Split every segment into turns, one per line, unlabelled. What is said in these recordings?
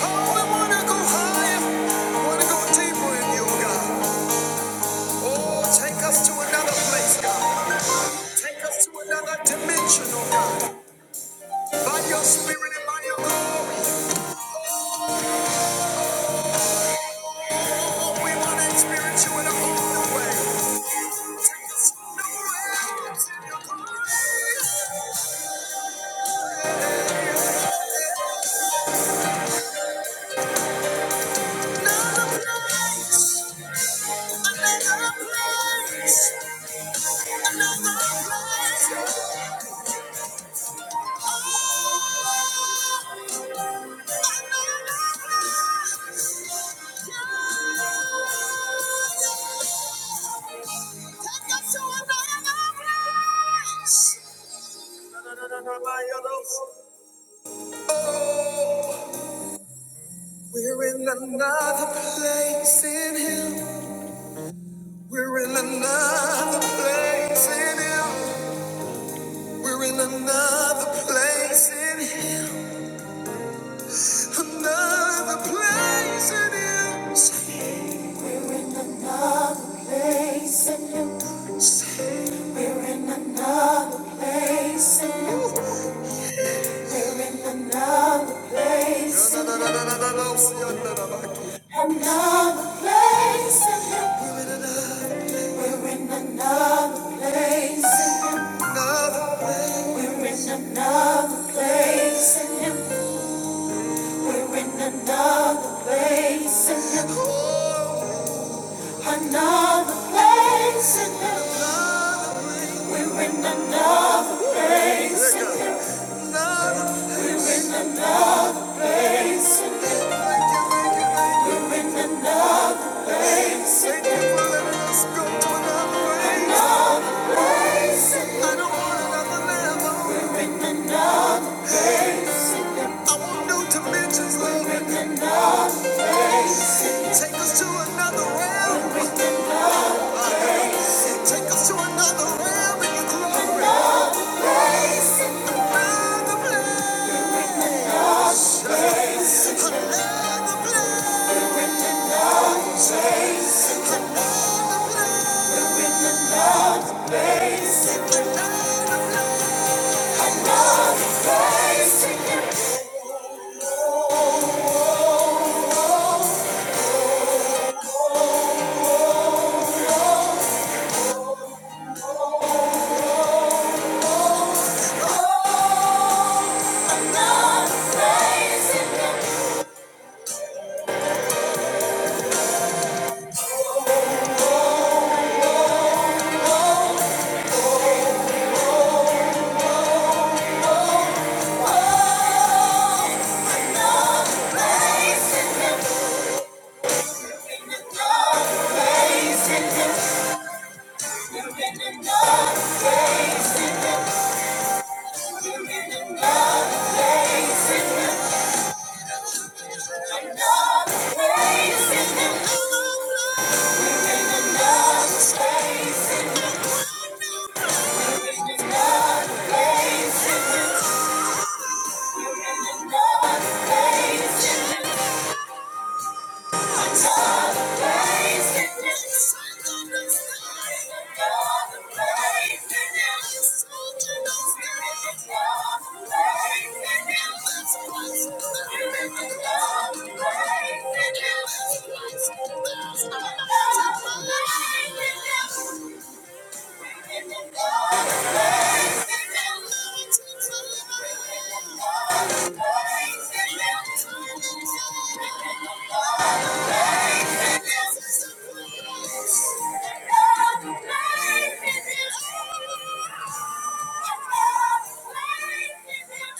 Oh, we wanna go higher. We wanna go deeper in you, God. Oh, take us to another place, God. Take us to another dimension, oh By your spirit and by your glory. Oh, we wanna experience you in a whole new way. Take us to Another place. Another place. Another place. We're in another place in Him. We're in another place in Him. We're in another place in Him. Another place in Him. We're in another place in you. We're in another place in you. We're in another place in you. Another place in you. We're in another place in you. We're in another place in you. We're in another place in you. Another place in you. We win another place. Another place. We win another place. Thank you, thank thank you. Thank you for letting us go to another place. I don't want another level. I want new dimensions, Lord. Take us to another realm. Take us to another realm in your glory. Another place. Another place in the Another We're in Space Thank you. Thank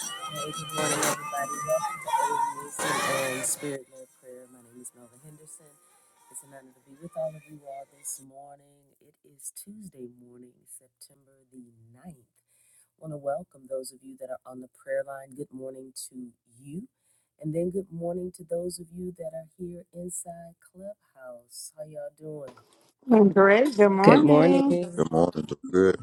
you.
Great. Good
Good
morning.
morning.
Good morning. Doing good.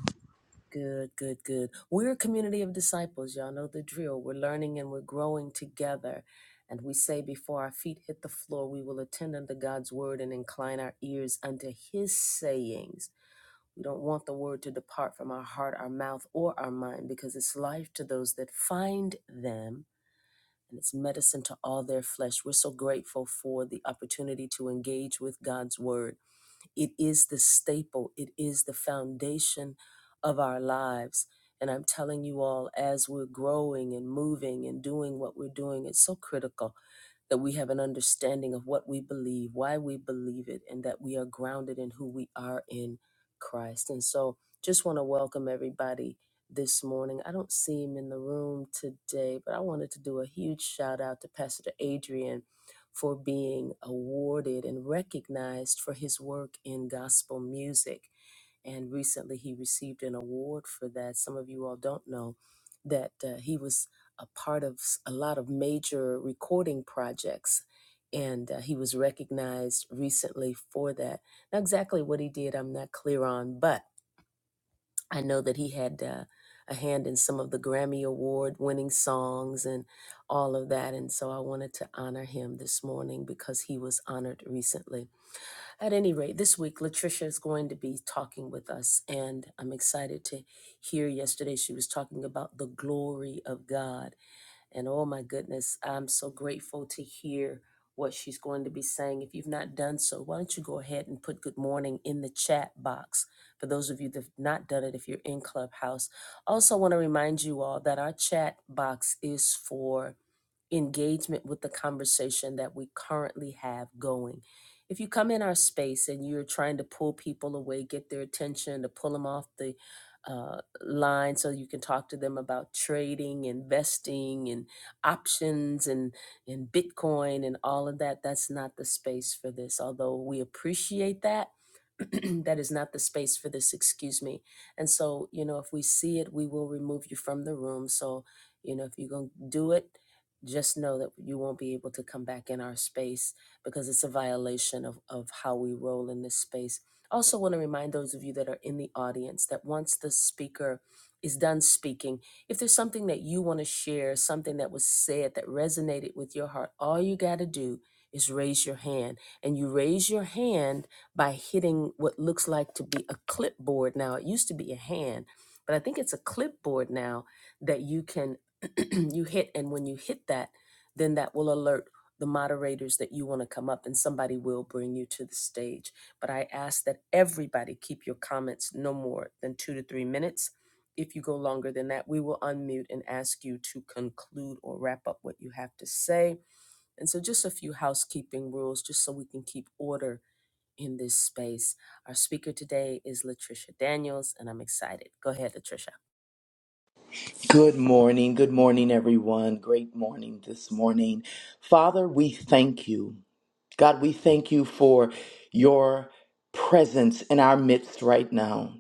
Good morning. Good morning, everyone. Great morning this morning. Father, we thank you. God, we thank you for your presence in our midst right now.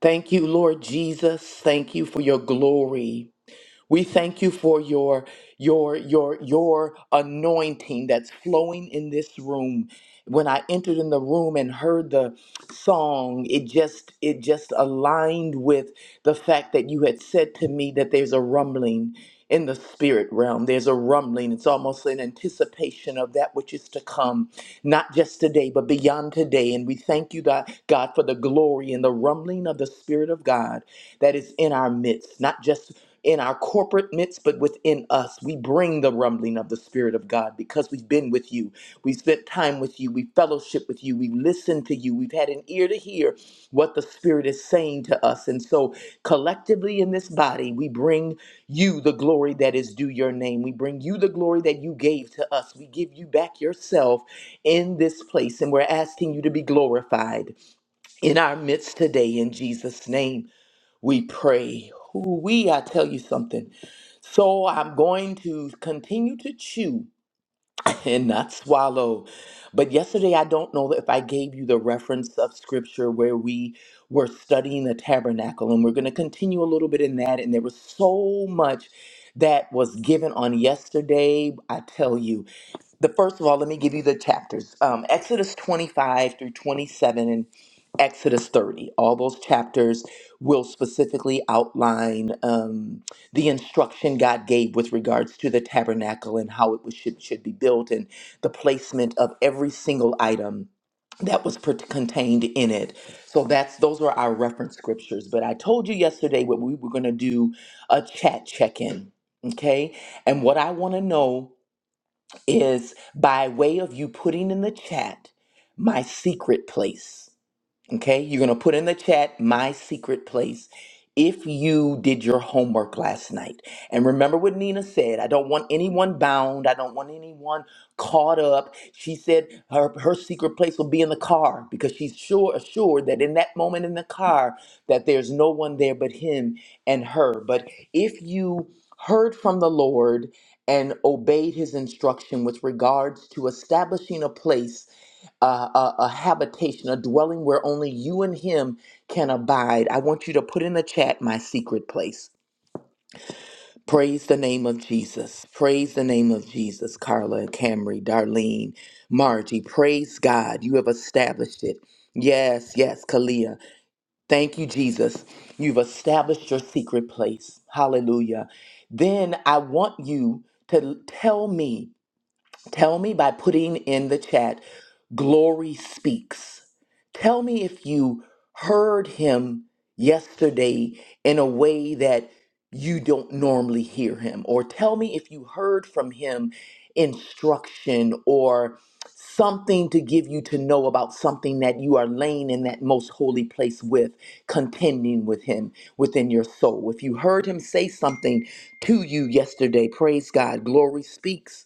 Thank you, Lord Jesus. Thank you for your glory. We thank you for your your your your anointing that's flowing in this room. When I entered in the room and heard the song, it just it just aligned with the fact that you had said to me that there's a rumbling in the spirit realm. There's a rumbling. It's almost an anticipation of that which is to come not just today, but beyond today. And we thank you, God, God, for the glory and the rumbling of the Spirit of God that is in our midst, not just in our corporate midst, but within us. We bring the rumbling of the Spirit of God because we've been with you. We've spent time with you. We fellowship with you. We've listened to you. We've had an ear to hear what the Spirit is saying to us. And so, collectively in this body, we bring you the glory that is due your name. We bring you the glory that you gave to us. We give you back yourself in this place. And we're asking you to be glorified in our midst today. In Jesus' name, we pray. Ooh, We, I tell you something. So, I'm going to continue to chew and not swallow. But yesterday, I don't know if I gave you the reference of scripture where we were studying the tabernacle, and we're going to continue a little bit in that. And there was so much that was given on yesterday. I tell you, the first of all, let me give you the chapters um, Exodus 25 through 27 and Exodus 30. All those chapters will specifically outline. Um, the instruction God gave with regards to the tabernacle and how it was, should, should be built and the placement of every single item that was per- contained in it. So that's those were our reference scriptures. But I told you yesterday what we were going to do a chat check-in, okay? And what I want to know is by way of you putting in the chat my secret place Okay, you're going to put in the chat my secret place if you did your homework last night. And remember what Nina said I don't want anyone bound, I don't want anyone caught up. She said her, her secret place will be in the car because she's sure assured that in that moment in the car that there's no one there but him and her. But if you heard from the Lord and obeyed his instruction with regards to establishing a place a, a, a habitation, a dwelling where only you and Him can abide. I want you to put in the chat my secret place. Praise the name of Jesus. Praise the name of Jesus, Carla, Camry, Darlene, Margie. Praise God. You have established it. Yes, yes, Kalia. Thank you, Jesus. You've established your secret place. Hallelujah. Then I want you to tell me Tell me by putting in the chat, Glory Speaks. Tell me if you heard him yesterday in a way that you don't normally hear him, or tell me if you heard from him instruction or something to give you to know about something that you are laying in that most holy place with, contending with him within your soul. If you heard him say something to you yesterday, praise God, glory speaks.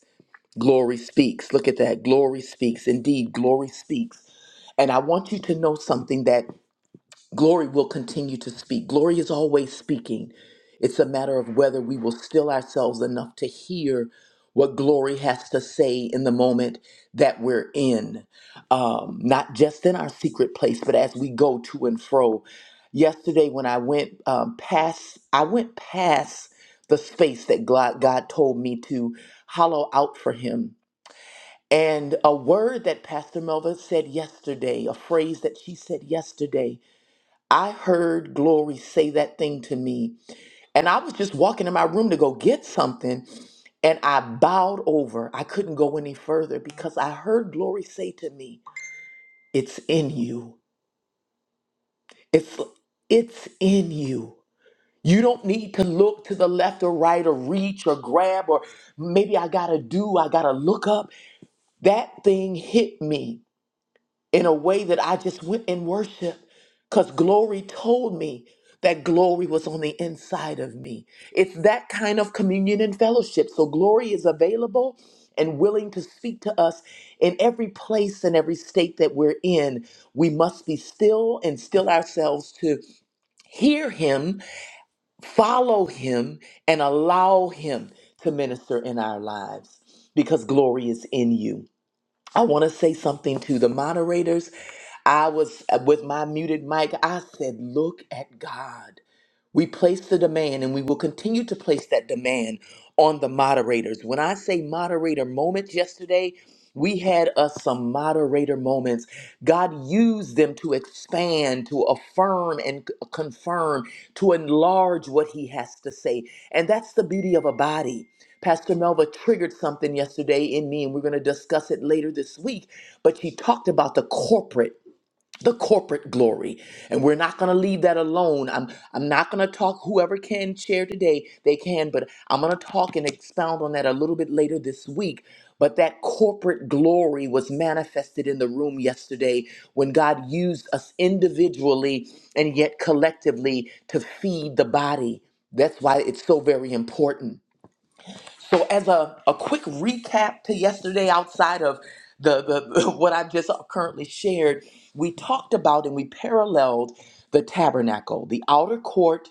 Glory speaks. Look at that. Glory speaks. Indeed, glory speaks. And I want you to know something that glory will continue to speak. Glory is always speaking. It's a matter of whether we will still ourselves enough to hear what glory has to say in the moment that we're in, um, not just in our secret place, but as we go to and fro. Yesterday, when I went um, past, I went past the space that God, God told me to hollow out for Him and a word that Pastor Melva said yesterday, a phrase that she said yesterday, I heard Glory say that thing to me. And I was just walking in my room to go get something. And I bowed over. I couldn't go any further because I heard Glory say to me, It's in you. It's, it's in you. You don't need to look to the left or right or reach or grab or maybe I gotta do, I gotta look up. That thing hit me in a way that I just went in worship because glory told me that glory was on the inside of me. It's that kind of communion and fellowship. So glory is available and willing to speak to us in every place and every state that we're in. We must be still and still ourselves to hear him, follow him, and allow him to minister in our lives because glory is in you. I want to say something to the moderators. I was uh, with my muted mic. I said, Look at God. We place the demand and we will continue to place that demand on the moderators. When I say moderator moments yesterday, we had us some moderator moments. God used them to expand, to affirm and c- confirm, to enlarge what He has to say. And that's the beauty of a body. Pastor Melva triggered something yesterday in me, and we're going to discuss it later this week. But she talked about the corporate the corporate glory and we're not going to leave that alone i'm i'm not going to talk whoever can share today they can but i'm going to talk and expound on that a little bit later this week but that corporate glory was manifested in the room yesterday when god used us individually and yet collectively to feed the body that's why it's so very important so, as a, a quick recap to yesterday, outside of the, the what I've just currently shared, we talked about and we paralleled the tabernacle, the outer court,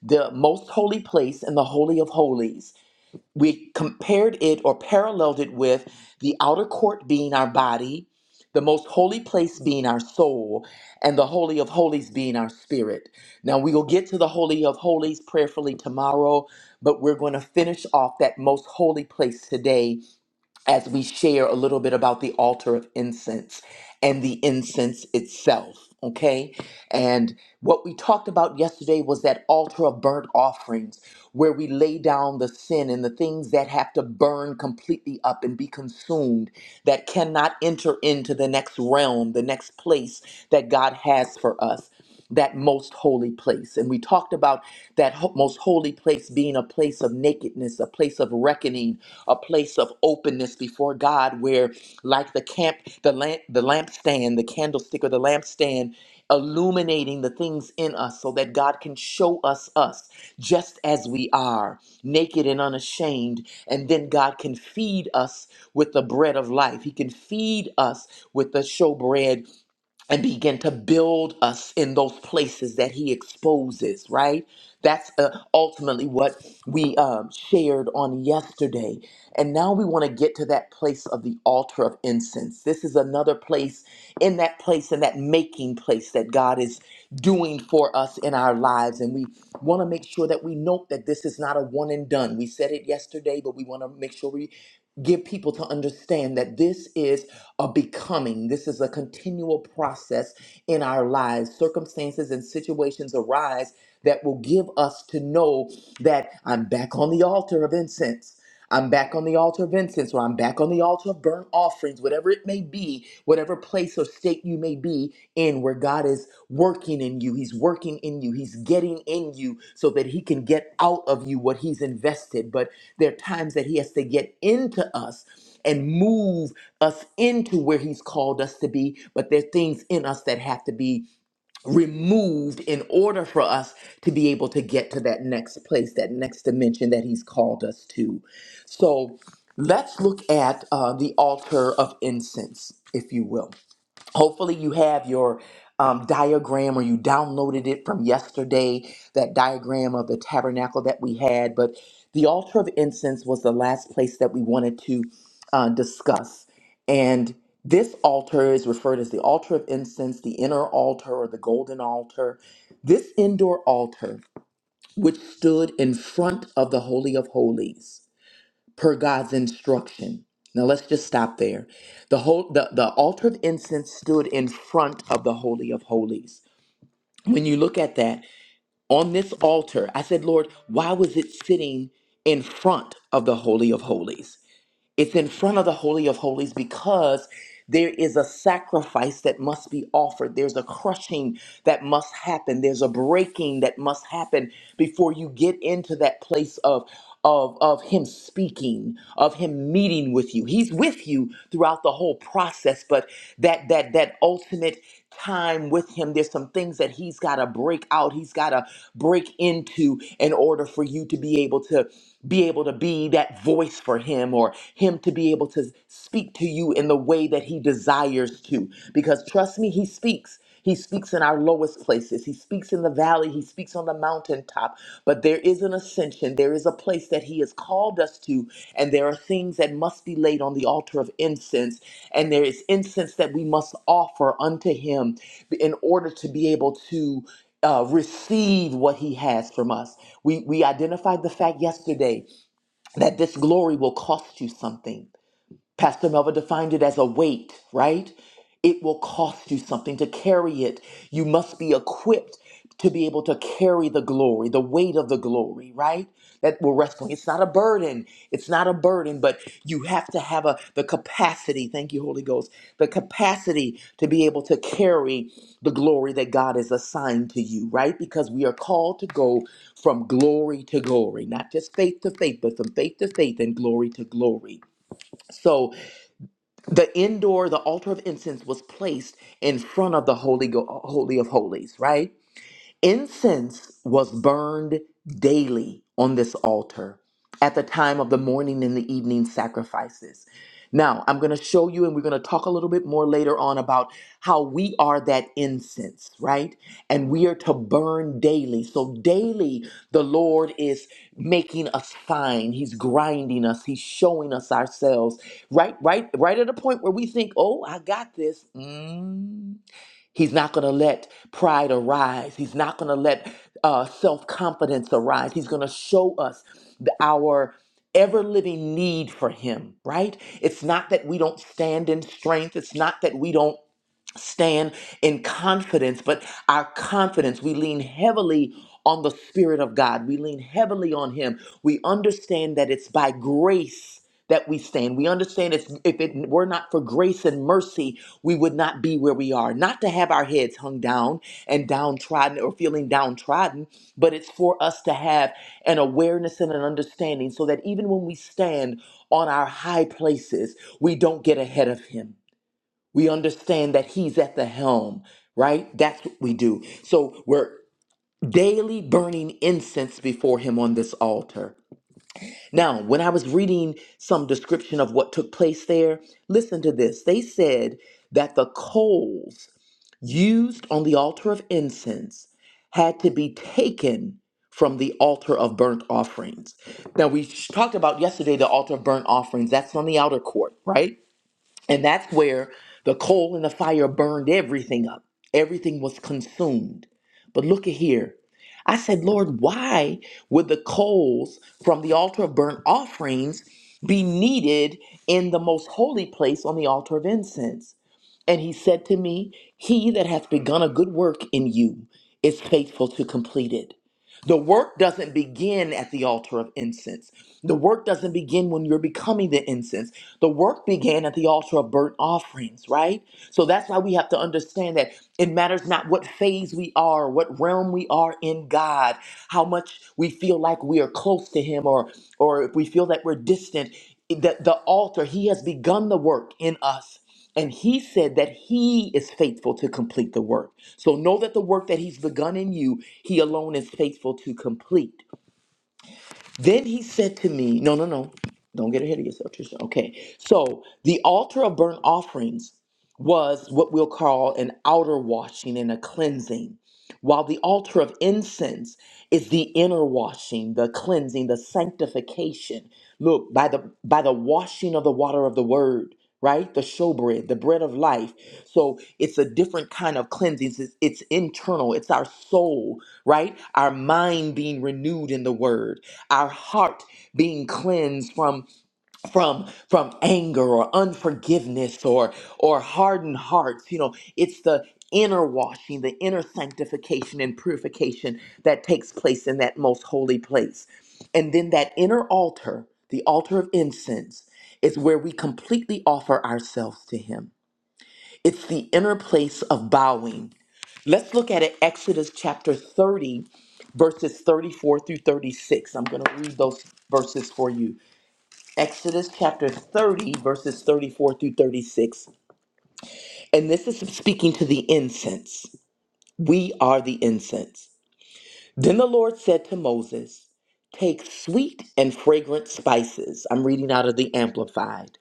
the most holy place, and the holy of holies we compared it or paralleled it with the outer court being our body, the most holy place being our soul, and the Holy of Holies being our spirit. Now, we will get to the Holy of Holies prayerfully tomorrow, but we're going to finish off that most holy place today as we share a little bit about the altar of incense and the incense itself. Okay. And what we talked about yesterday was that altar of burnt offerings, where we lay down the sin and the things that have to burn completely up and be consumed, that cannot enter into the next realm, the next place that God has for us that most holy place. And we talked about that ho- most holy place being a place of nakedness, a place of reckoning, a place of openness before God, where, like the camp, the lamp, the lampstand, the candlestick, or the lampstand, illuminating the things in us so that God can show us us just as we are, naked and unashamed. And then God can feed us with the bread of life. He can feed us with the showbread and begin to build us in those places that he exposes right that's uh, ultimately what we um, shared on yesterday and now we want to get to that place of the altar of incense this is another place in that place in that making place that god is doing for us in our lives and we want to make sure that we note that this is not a one and done we said it yesterday but we want to make sure we Give people to understand that this is a becoming this is a continual process in our lives circumstances and situations arise that will give us to know that i'm back on the altar of incense I'm back on the altar of incense, or I'm back on the altar of burnt offerings, whatever it may be, whatever place or state you may be in, where God is working in you. He's working in you. He's getting in you so that He can get out of you what He's invested. But there are times that He has to get into us and move us into where He's called us to be, but there are things in us that have to be removed in order for us to be able to get to that next place, that next dimension that He's called us to. So let's look at uh, the altar of incense, if you will. Hopefully, you have your um, diagram or you downloaded it from yesterday, that diagram of the tabernacle that we had. But the altar of incense was the last place that we wanted to uh, discuss. And this altar is referred as the altar of incense, the inner altar or the golden altar. This indoor altar, which stood in front of the Holy of Holies per God's instruction. Now let's just stop there. The whole the, the altar of incense stood in front of the holy of holies. When you look at that, on this altar, I said, Lord, why was it sitting in front of the holy of holies? It's in front of the Holy of Holies because there is a sacrifice that must be offered. There's a crushing that must happen. There's a breaking that must happen before you get into that place of. Of, of him speaking, of him meeting with you. He's with you throughout the whole process, but that that that ultimate time with him, there's some things that he's gotta break out, he's gotta break into in order for you to be able to be able to be that voice voice for him or him to be able to speak to you in the way that he desires to. Because trust me, he speaks. He speaks in our lowest places. He speaks in the valley. He speaks on the mountaintop. But there is an ascension. There is a place that He has called us to. And there are things that must be laid on the altar of incense. And there is incense that we must offer unto Him in order to be able to. Uh, receive what he has from us. We we identified the fact yesterday that this glory will cost you something Pastor Melva defined it as a weight, right? It will cost you something to carry it. You must be equipped to be able to carry the glory, the weight of the glory, right? That we're wrestling. It's not a burden. It's not a burden, but you have to have a the capacity. Thank you, Holy Ghost. The capacity to be able to carry the glory that God has assigned to you, right? Because we are called to go from glory to glory, not just faith to faith, but from faith to faith and glory to glory. So the indoor the altar of incense was placed in front of the holy Go- holy of holies right Incense was burned daily on this altar at the time of the morning and the evening sacrifices. Now, I'm going to show you, and we're going to talk a little bit more later on about how we are that incense, right? And we are to burn daily. So, daily, the Lord is making us fine. He's grinding us. He's showing us ourselves, right? Right? Right at a point where we think, oh, I got this. Mm, He's not going to let pride arise. He's not going to let uh, self confidence arise. He's going to show us the, our ever living need for Him, right? It's not that we don't stand in strength. It's not that we don't stand in confidence, but our confidence, we lean heavily on the Spirit of God. We lean heavily on Him. We understand that it's by grace that we stand. We understand it's, if it were not for grace and mercy, we would not be where we are. Not to have our heads hung down and downtrodden or feeling downtrodden, but it's for us to have an awareness and an understanding so that even when we stand on our high places, we don't get ahead of Him we understand that He's at the helm, right? That's what we do. So we're daily burning incense before Him on this altar. Now, when I was reading some description of what took place there, listen to this. They said that the coals used on the altar of incense had to be taken from the altar of burnt offerings. Now, we talked about yesterday the altar of burnt offerings, that's on the outer court, right? And that's where the coal and the fire burned everything up. Everything was consumed. But look at here. I said, Lord, why would the coals from the altar of burnt offerings be needed in the most holy place on the altar of incense? And he said to me, He that hath begun a good work in you is faithful to complete it. The work doesn't begin at the altar of incense. The work doesn't begin when you're becoming the incense. The work began at the altar of burnt offerings, right? So that's why we have to understand that it matters not what phase we are, what realm we are in God, how much we feel like we are close to Him, or or if we feel that we're distant. The, the altar, He has begun the work in us. And he said that he is faithful to complete the work. So know that the work that he's begun in you, he alone is faithful to complete. Then he said to me, No, no, no. Don't get ahead of yourself, Trisha. Okay. So the altar of burnt offerings was what we'll call an outer washing and a cleansing, while the altar of incense is the inner washing, the cleansing, the sanctification. Look, by the by the washing of the water of the word, right? The showbread, the bread of life. So it's a different kind of cleansing. It's, it's internal. It's our soul, right? Our mind being renewed in the word, our heart being cleansed from from from anger or unforgiveness or or hardened hearts you know it's the inner washing the inner sanctification and purification that takes place in that most holy place and then that inner altar the altar of incense is where we completely offer ourselves to him it's the inner place of bowing let's look at it exodus chapter 30 verses 34 through 36 i'm going to read those verses for you Exodus chapter 30, verses 34 through 36. And this is speaking to the incense. We are the incense. Then the Lord said to Moses, Take sweet and fragrant spices. I'm reading out of the Amplified.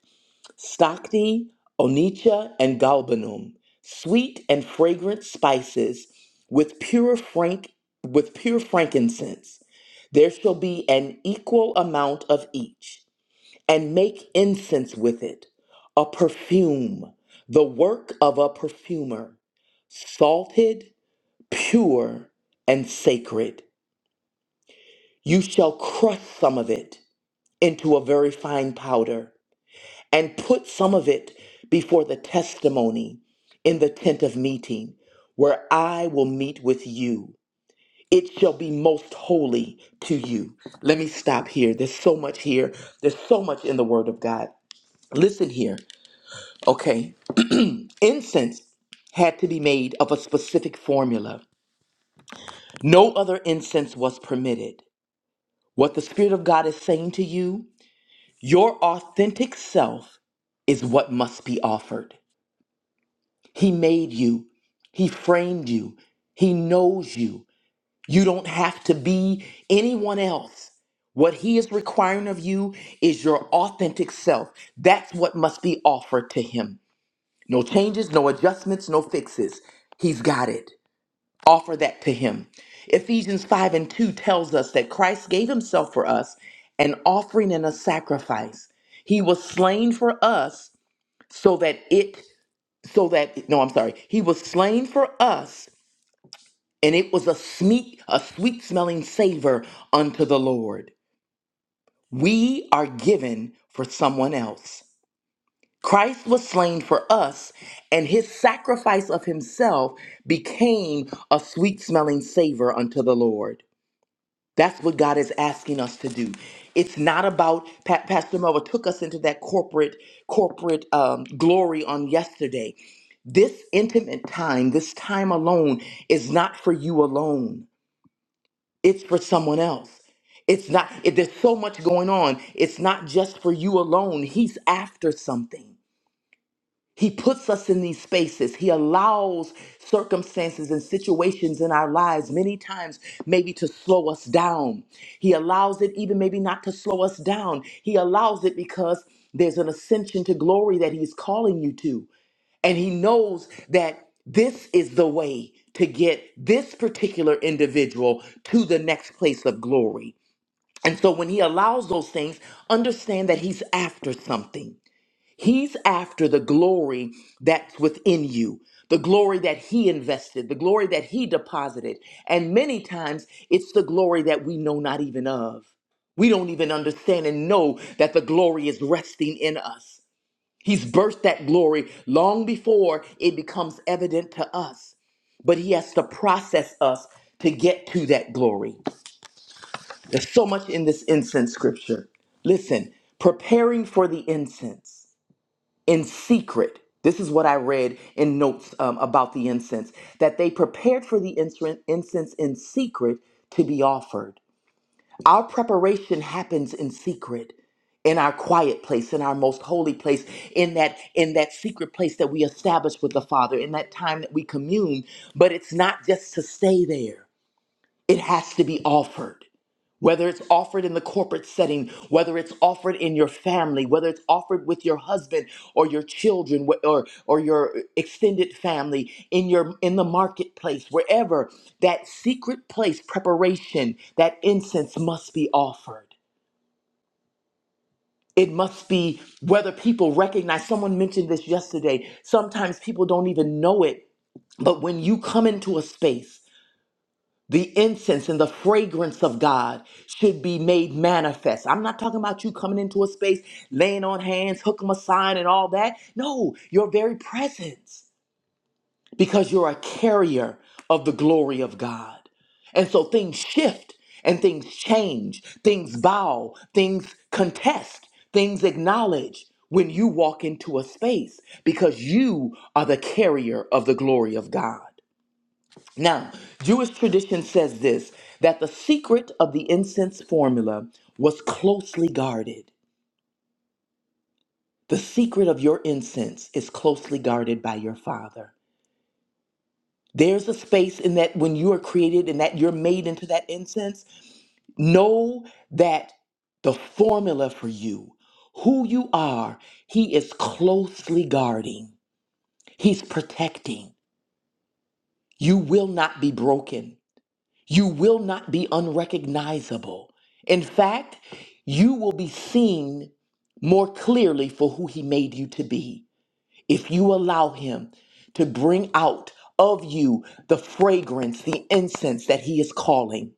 Stocti, onycha, and galbanum. Sweet and fragrant spices with pure frank with pure frankincense. There shall be an equal amount of each and make incense with it, a perfume, the work of a perfumer, salted, pure, and sacred. You shall crush some of it into a very fine powder, and put some of it before the testimony in the tent of meeting, where I will meet with you. It shall be most holy to you. Let me stop here. There's so much here. There's so much in the Word of God. Listen here, okay? Incense had to be made of a specific formula. No other incense was permitted. What the Spirit of God is saying to you, your authentic self is what must be offered. He made you, He framed you, He knows you. You don't have to be anyone else. What He is requiring of you is your authentic self. That's what must be offered to Him. No changes, no adjustments, no fixes. He's got it. offer that to him. Ephesians 5 and 2 tells us that Christ gave himself for us, an offering and a sacrifice. He was slain for us so that it, so that, no, I'm sorry. He was slain for us and it was a sweet, a sweet smelling savor unto the Lord. We are given for someone else. Christ was slain for us, and his sacrifice of himself became a sweet smelling savor unto the Lord. That's what God is asking us to do. It's not about Pa- Pastor Melva took us into that corporate corporate um, glory on yesterday. This intimate time, this time alone, is not for you alone. It's for someone else. It's not. It, there's so much going on. It's not just for you alone. He's after something. He puts us in these spaces. He allows circumstances and situations in our lives, many times, maybe to slow us down. He allows it, even maybe not to slow us down. He allows it because there's an ascension to glory that He's calling you to. And He knows that this is the way to get this particular individual to the next place of glory. And so when He allows those things, understand that He's after something. He's after the glory that's within you, the glory that He invested, the glory that He deposited. And many times it's the glory that we know not even of. We don't even understand and know that the glory is resting in us. He's birthed that glory long before it becomes evident to us, but He has to process us to get to that glory. There's so much in this incense scripture. Listen, preparing for the incense in secret. This is what I read in notes um, about the incense that they prepared for the incense incense in secret to be offered. Our preparation happens in secret in our quiet place in our most holy place in that in that secret place that we establish with the father in that time that we commune but it's not just to stay there it has to be offered. Whether it's offered in the corporate setting, whether it's offered in your family, whether it's offered with your husband or your children wh- or, or your extended family, in your in the marketplace, wherever, that secret place preparation, that incense must be offered. It must be whether people recognize someone mentioned this yesterday. Sometimes people don't even know it but when you come into a space the incense and the fragrance of God should be made manifest. I'm not talking about you coming into a space, laying on hands, hook 'em a sign, and all that. No, your very presence, because you're a carrier of the glory of God. And so things shift and things change, things bow, things contest, things acknowledge when you walk into a space because you are the carrier of the glory of God. Now, Jewish tradition says this that the secret of the incense formula was closely guarded. The secret of your incense is closely guarded by your Father. There's a space in that when you are created and that you're made into that incense, know that the formula for you, who you are, He is closely guarding, He's protecting. You will not be broken. You will not be unrecognizable. In fact, you will be seen more clearly for who He made you to be if you allow Him to bring out of you the fragrance, the incense that He is calling.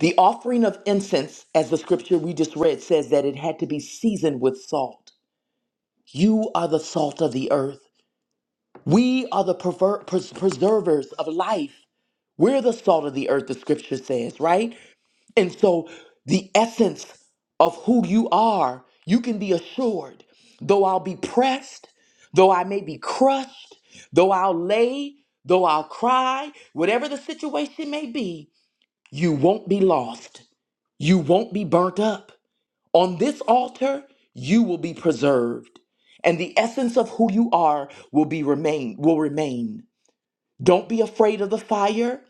The offering of incense, as the scripture we just read says, that it had to be seasoned with salt. You are the salt of the earth. We are the prever- pres- preservers of life. We're the salt of the earth, the scripture says, right? And so, the essence of who you are, you can be assured. Though I'll be pressed, though I may be crushed, though I'll lay, though I'll cry, whatever the situation may be, you won't be lost. You won't be burnt up. On this altar, you will be preserved, and the essence of who you are will be remain will remain. Don't be afraid of the fire.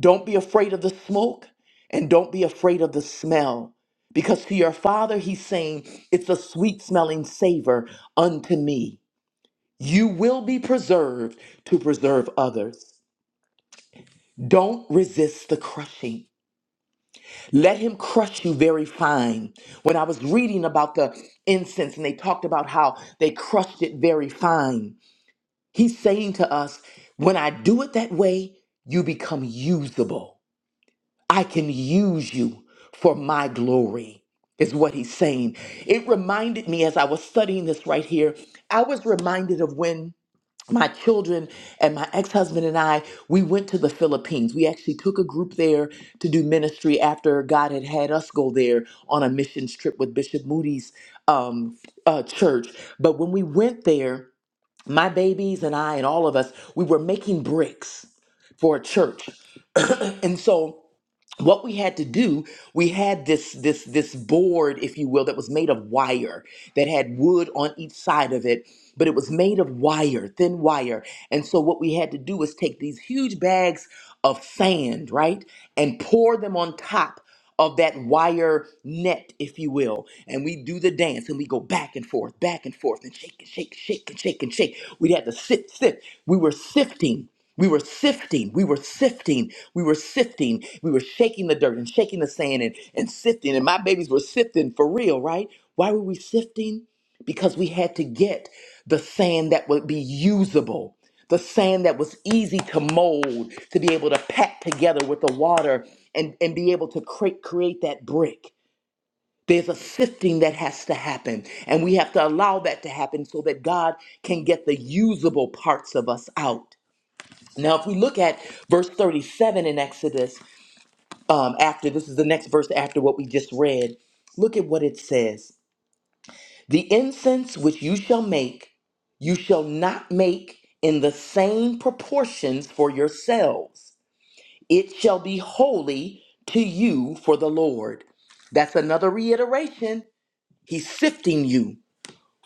Don't be afraid of the smoke and don't be afraid of the smell. Because to your father, he's saying, It's a sweet smelling savor unto me. You will be preserved to preserve others. Don't resist the crushing. Let him crush you very fine. When I was reading about the incense and they talked about how they crushed it very fine, he's saying to us, When I do it that way, you become usable. I can use you for my glory, is what he's saying. It reminded me as I was studying this right here, I was reminded of when my children and my ex-husband and I we went to the Philippines. We actually took a group there to do ministry after God had had us go there on a missions trip with Bishop Moody's um, uh, church. But when we went there, my babies and I and all of us, we were making bricks for a church. And so what we had to do we had this this this board if you will that was made of wire that had wood on each side of it but it was made of wire thin wire and so what we had to do was take these huge bags of sand right and pour them on top of that wire net, if you will. And we do the dance and we go back and forth, back and forth, and shake and shake, shake and shake and shake. We'd have to sift, sift. We were sifting. We were sifting, we were sifting, we were sifting, we were shaking the dirt and shaking the sand and, and sifting. And my babies were sifting for real, right? Why were we sifting? Because we had to get the sand that would be usable the sand that was easy to mold, to be able to pack together with the water and, and be able to create, create that brick. There's a sifting that has to happen, and we have to allow that to happen so that God can get the usable parts of us out. Now, if we look at verse 37 in Exodus, um, after this is the next verse after what we just read, look at what it says. The incense which you shall make, you shall not make in the same proportions for yourselves. It shall be holy to you for the Lord. That's another reiteration. He's sifting you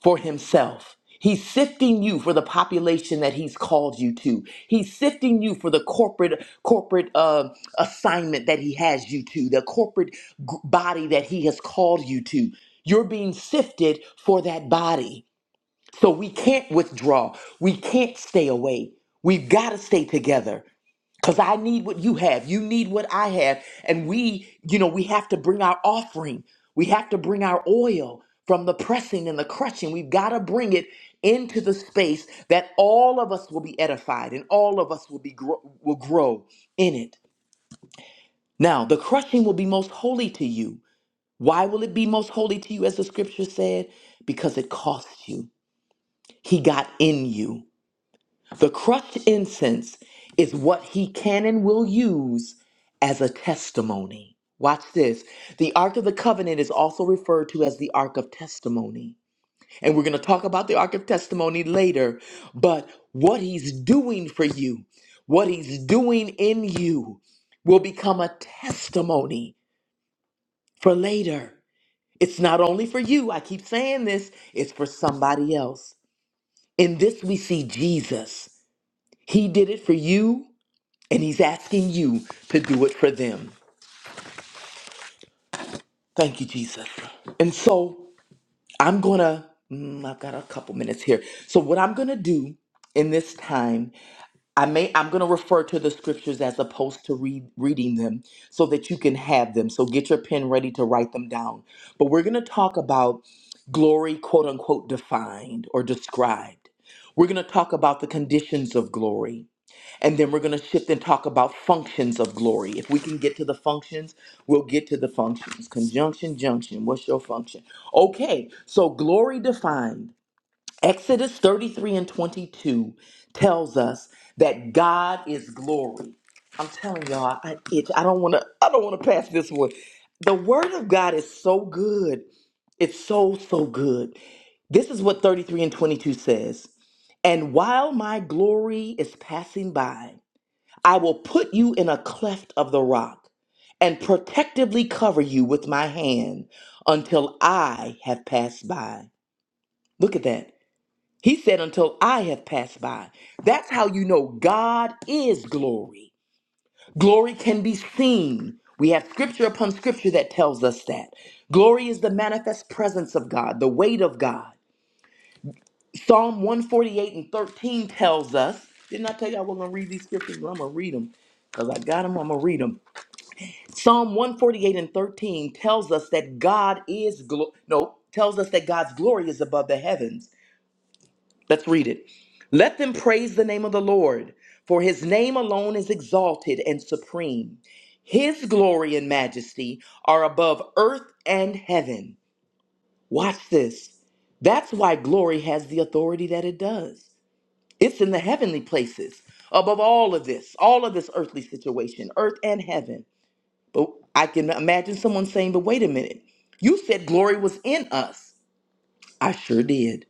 for himself. He's sifting you for the population that he's called you to. He's sifting you for the corporate corporate uh, assignment that he has you to, the corporate g- body that he has called you to. You're being sifted for that body. So we can't withdraw. We can't stay away. We've got to stay together because I need what you have. You need what I have. And we, you know, we have to bring our offering. We have to bring our oil from the pressing and the crushing. We've got to bring it into the space that all of us will be edified and all of us will be grow, will grow in it. Now, the crushing will be most holy to you. Why will it be most holy to you as the scripture said? Because it costs you. He got in you. The crushed incense is what he can and will use as a testimony. Watch this. The Ark of the Covenant is also referred to as the Ark of Testimony. And we're going to talk about the Ark of Testimony later. But what he's doing for you, what he's doing in you, will become a testimony for later. It's not only for you, I keep saying this, it's for somebody else. In this, we see Jesus. He did it for you, and he's asking you to do it for them. Thank you, Jesus. And so I'm gonna, mm, I've got a couple minutes here. So what I'm gonna do in this time, I may, I'm gonna refer to the scriptures as opposed to read, reading them so that you can have them. So get your pen ready to write them down. But we're gonna talk about glory, quote unquote, defined or described. We're gonna talk about the conditions of glory. And then we're going to shift and talk about functions of glory. If we can get to the functions, we'll get to the functions. Conjunction, junction. What's your function? Okay, so glory defined. Exodus 33 and 22 tells us that God is glory. I'm telling y'all, I itch. I don't want to. I don't want to pass this one. The Word of God is so good. It's so so good. This is what 33 and 22 says. And while my glory is passing by. I will put you in a cleft of the rock and protectively cover you with my hand until I have passed by. Look at that. He said, until I have passed by. That's how you know God is glory. Glory can be seen. We have scripture upon scripture that tells us that. Glory is the manifest presence of God, the weight of God. Psalm 148 and 13 tells us, didn't I tell you I was going to read these scriptures? Well, I'm going to read them because I got them. I'm going to read them. Psalm 148 and 13 tells us that God is glo- no, tells us that God's glory is above the heavens. Let's read it. Let them praise the name of the Lord, for his name alone is exalted and supreme. His glory and majesty are above earth and heaven. Watch this. That's why glory has the authority that it does. It's in the heavenly places, above all of this, all of this earthly situation, earth and heaven. But I can imagine someone saying, but wait a minute, you said glory was in us. I sure did.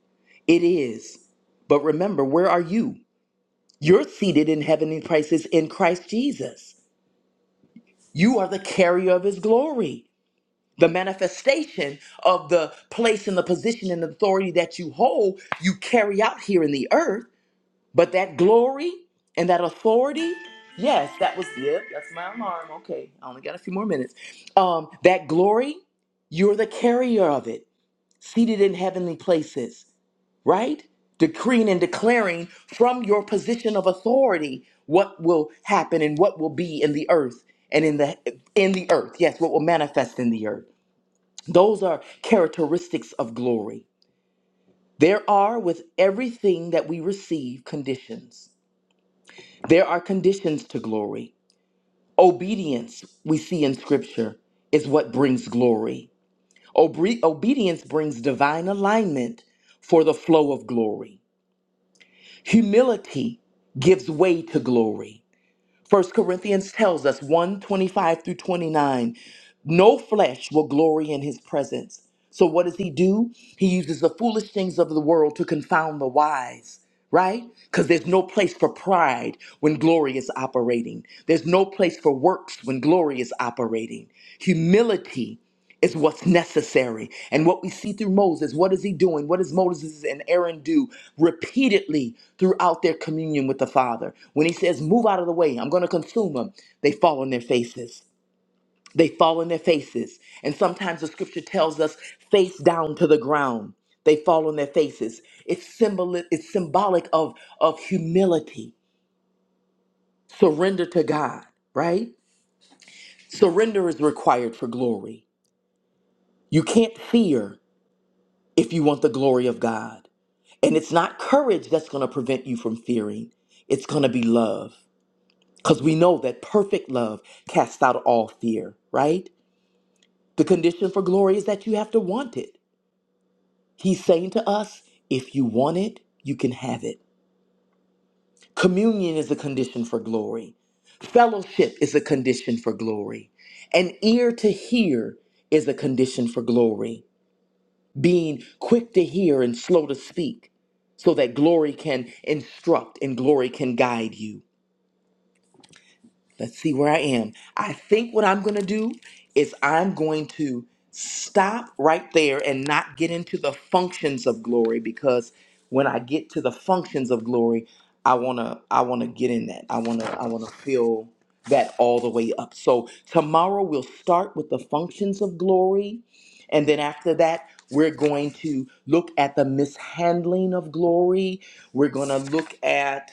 It is. But remember, where are you? You're seated in heavenly places in Christ Jesus. You are the carrier of his glory, the manifestation of the place and the position and authority that you hold, you carry out here in the earth. But that glory and that authority, yes, that was it. that's my alarm. Okay, I only got a few more minutes. Um, that glory, you're the carrier of it, seated in heavenly places, right? Decreeing and declaring from your position of authority what will happen and what will be in the earth and in the in the earth. Yes, what will manifest in the earth. Those are characteristics of glory. There are with everything that we receive conditions there are conditions to glory. Obedience, we see in Scripture, is what brings glory. Obre- obedience brings divine alignment for the flow of glory. Humility gives way to glory. First Corinthians tells us one 25 through 29 no flesh will glory in his presence. So what does he do? He uses the foolish things of the world to confound the wise, right? Because there's no place for pride when glory is operating. There's no place for works when glory is operating. Humility is what's necessary. And what we see through Moses, what is he doing? What does Moses and Aaron do repeatedly throughout their communion with the Father? When he says, Move out of the way, I'm going to consume them, they fall on their faces. They fall on their faces. And sometimes the scripture tells us, face down to the ground. They fall on their faces. It's, symbol- it's symbolic of, of humility, surrender to God, right? Surrender is required for glory. You can't fear. if you want the glory of God. And it's not courage that's going to prevent you from fearing, it's going to be love. Because we know that perfect love casts out all fear, right? The condition for glory is that you have to want it. He's saying to us, if you want it, you can have it. Communion is a condition for glory. Fellowship is a condition for glory. An ear to hear is a condition for glory. being quick to hear and slow to speak, so that glory can instruct and glory can guide you. Let's see where I am. I think what I'm going to do is I'm going to stop right there and not get into the functions of glory because when I get to the functions of glory, I want to I want to get in that. I want to I want to fill that all the way up. So tomorrow we'll start with the functions of glory and then after that we're going to look at the mishandling of glory. We're going to look at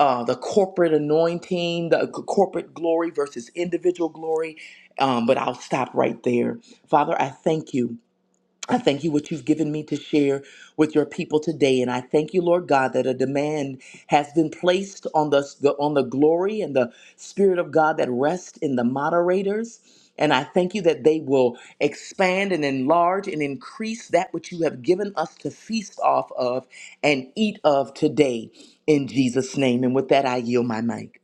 uh, the corporate anointing, the c- corporate glory versus individual glory. Um, but I'll stop right there. Father, I thank you. I thank you what you've given me to share with your people today, and I thank you, Lord God, that a demand has been placed on the, the on the glory and the spirit of God that rest in the moderators. And I thank you that they will expand and enlarge and increase that which you have given us to feast off of and eat of today in Jesus' name. And with that, I yield my mic.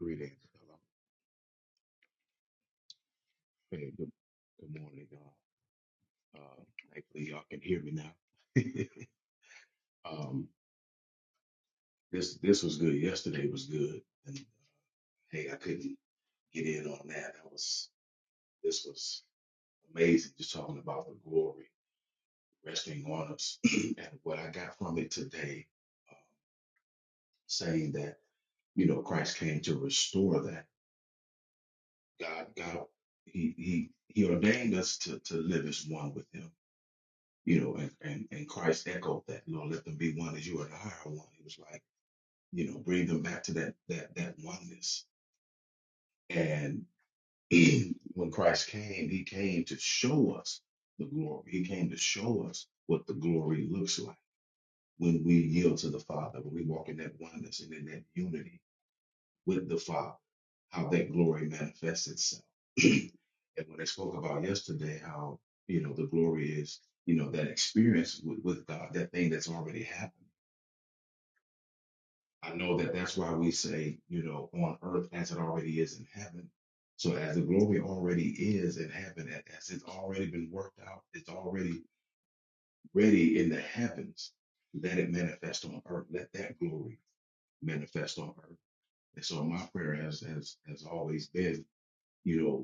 Greetings. Hello. Hey, good, good morning, y'all. Uh, thankfully, y'all can hear me now. um, this this was good. Yesterday was good, and hey, I couldn't get in on that. That was this was amazing. Just talking about the glory resting on us, and what I got from it today, um, saying that you know Christ came to restore that. God, God, he he he ordained us to to live as one with Him you know, and, and, and Christ echoed that, you know, let them be one as you are the higher one. He was like, you know, bring them back to that, that, that oneness. And when Christ came, he came to show us the glory. He came to show us what the glory looks like when we yield to the Father, when we walk in that oneness and in that unity with the Father, how that glory manifests itself. and when I spoke about yesterday, how, you know, the glory is, you know, that experience with, with God, that thing that's already happened. I know that that's why we say, you know, on earth as it already is in heaven. So as the glory already is in heaven, a- as it's already been worked out, it's already ready in the heavens. Let it manifest on earth. Let that glory manifest on earth. And so my prayer has has has always been, you know,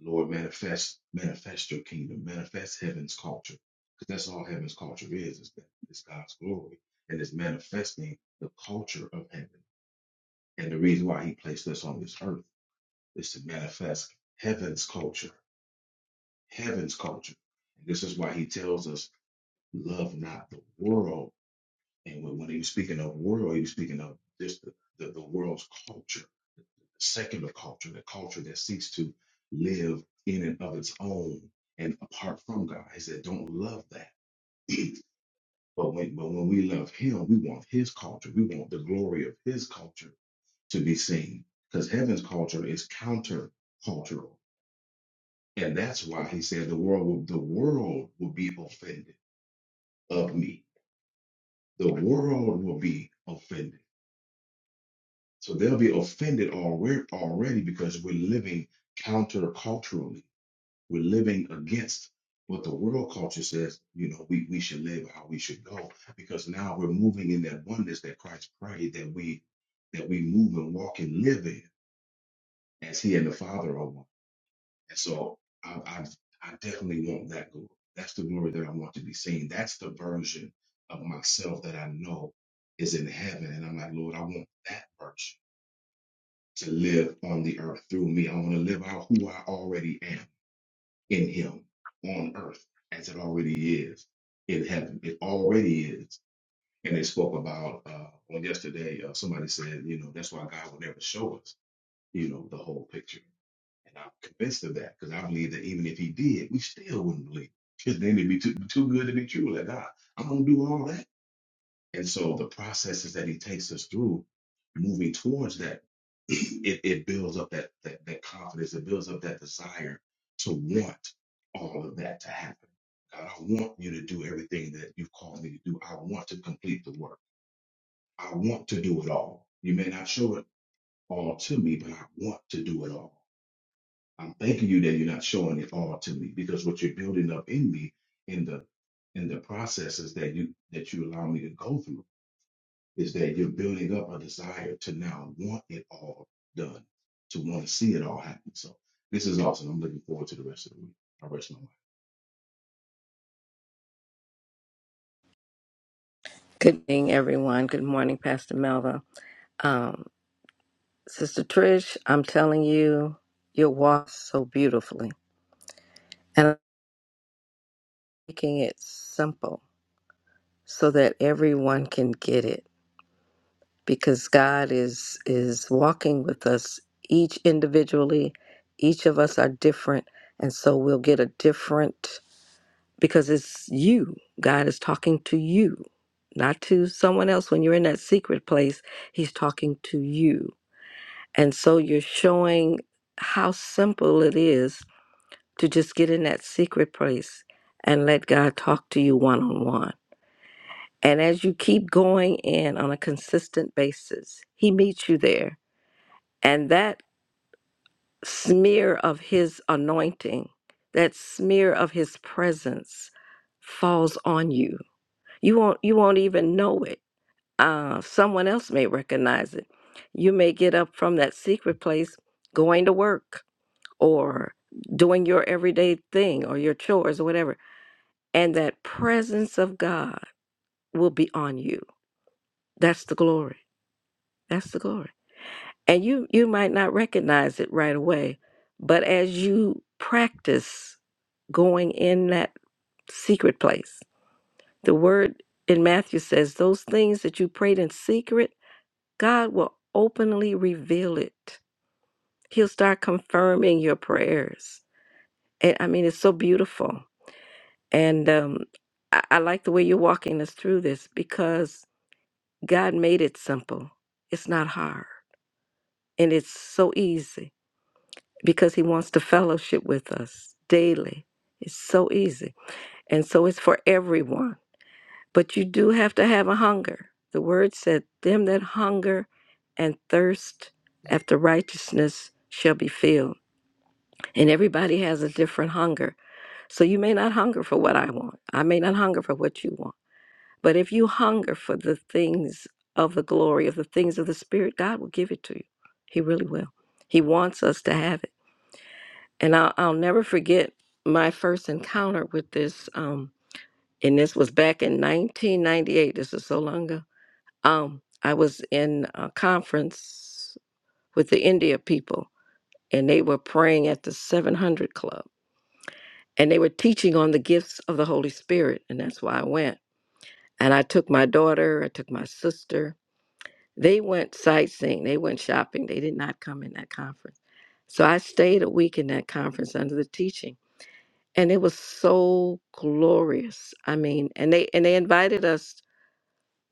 Lord, manifest, manifest your kingdom, manifest heaven's culture. Because that's all heaven's culture is, is that it's God's glory and it's manifesting the culture of heaven. And the reason why he placed us on this earth is to manifest heaven's culture, heaven's culture. And this is why he tells us, love not the world. And when, when he's speaking of world, he's speaking of just the, the, the world's culture secular culture, the culture that seeks to live in and of its own and apart from God. He said, don't love that. but when but when we love him, we want his culture. We want the glory of his culture to be seen. Because heaven's culture is counter cultural. And that's why he said the world will the world will be offended of me. The world will be offended. So they'll be offended already already because we're living counter-culturally. We're living against what the world culture says, you know, we, we should live how we should go, because now we're moving in that oneness that Christ prayed that we that we move and walk and live in as he and the Father are one. And so I I, I definitely want that glory. That's the glory that I want to be seen. That's the version of myself that I know is in heaven. And I'm like, Lord, I want that version to live on the earth through me. I want to live out who I already am. in him on earth as it already is in heaven. It already is. And they spoke about uh, on yesterday, uh, somebody said, you know, that's why God will never show us, you know, the whole picture. And I'm convinced of that because I believe that even if he did, we still wouldn't believe. His name would be too, too good to be true. Like, God, I'm going to do all that. And so the processes that he takes us through moving towards that, it, it builds up that, that that confidence, it builds up that desire to want all of that to happen. God, I want you to do everything that you've called me to do. I want to complete the work. I want to do it all. You may not show it all to me, but I want to do it all. I'm thanking you that you're not showing it all to me because what you're building up in me in the in the processes that you that you allow me to go through is that you're building up a desire to now want it all done, to want to see it all happen. So this is awesome. I'm looking forward to the rest of the week. I rest my mind.
Good morning, everyone. Good morning, Pastor Melva. Um, Sister Trish, I'm telling you, you walk so beautifully. And I'm making it simple so that everyone can get it because God is is walking with us each individually. Each of us are different, and so we'll get a different because it's you. God is talking to you, not to someone else when you're in that secret place. He's talking to you And so you're showing how simple it is to just get in that secret place and let God talk to you one on one. And as you keep going in on a consistent basis, He meets you there. And that smear of His anointing, that smear of His presence falls on you. You won't, you won't even know it. Uh, someone else may recognize it. You may get up from that secret place going to work or doing your everyday thing or your chores or whatever. And that presence of God will be on you. That's the glory. That's the glory. And you you might not recognize it right away, but as you practice going in that secret place, the word in Matthew says, those things that you prayed in secret, God will openly reveal it. He'll start confirming your prayers. And I mean, it's so beautiful And um, I, I like the way you're walking us through this because God made it simple. It's not hard. And it's so easy because He wants to fellowship with us daily. It's so easy. And so it's for everyone. But you do have to have a hunger. The word said, Them that hunger and thirst after righteousness shall be filled. And everybody has a different hunger. So you may not hunger for what I want. I may not hunger for what you want But if you hunger for the things of the glory, of the things of the Spirit, God will give it to you. He really will. He wants us to have it. And I'll, I'll never forget my first encounter with this. Um, and this was back in 1998. This is so long ago. Um, I was in a conference with the India people, and they were praying at the 700 Club. And they were teaching on the gifts of the Holy Spirit. And that's why I went. And I took my daughter, I took my sister, They went sightseeing, they went shopping, they did not come in that conference. So I stayed a week in that conference under the teaching, and it was so glorious. I mean, and they and they invited us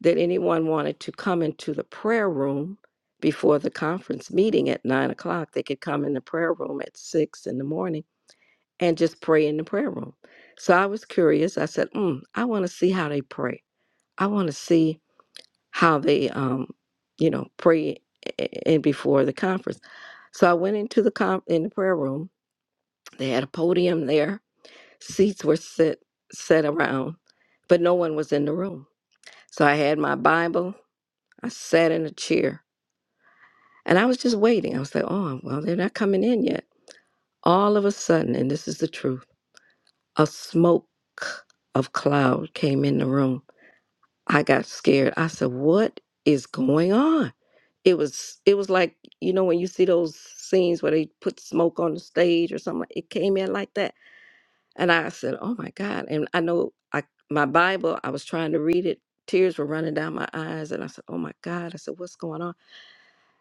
that anyone wanted to come into the prayer room before the conference meeting at nine o'clock. They could come in the prayer room at six in the morning and just pray in the prayer room. So I was curious. I said, mm, I want to see how they pray. I want to see how they um you know pray a- and before the conference so i went into the com in the prayer room they had a podium there seats were set set around but no one was in the room so i had my bible i sat in a chair and i was just waiting i was like oh well they're not coming in yet all of a sudden and this is the truth a smoke of cloud came in the room i got scared i said what is going on it was it was like you know when you see those scenes where they put smoke on the stage or something like- it came in like that and i said oh my god and i know i my bible i was trying to read it tears were running down my eyes and i said oh my god i said what's going on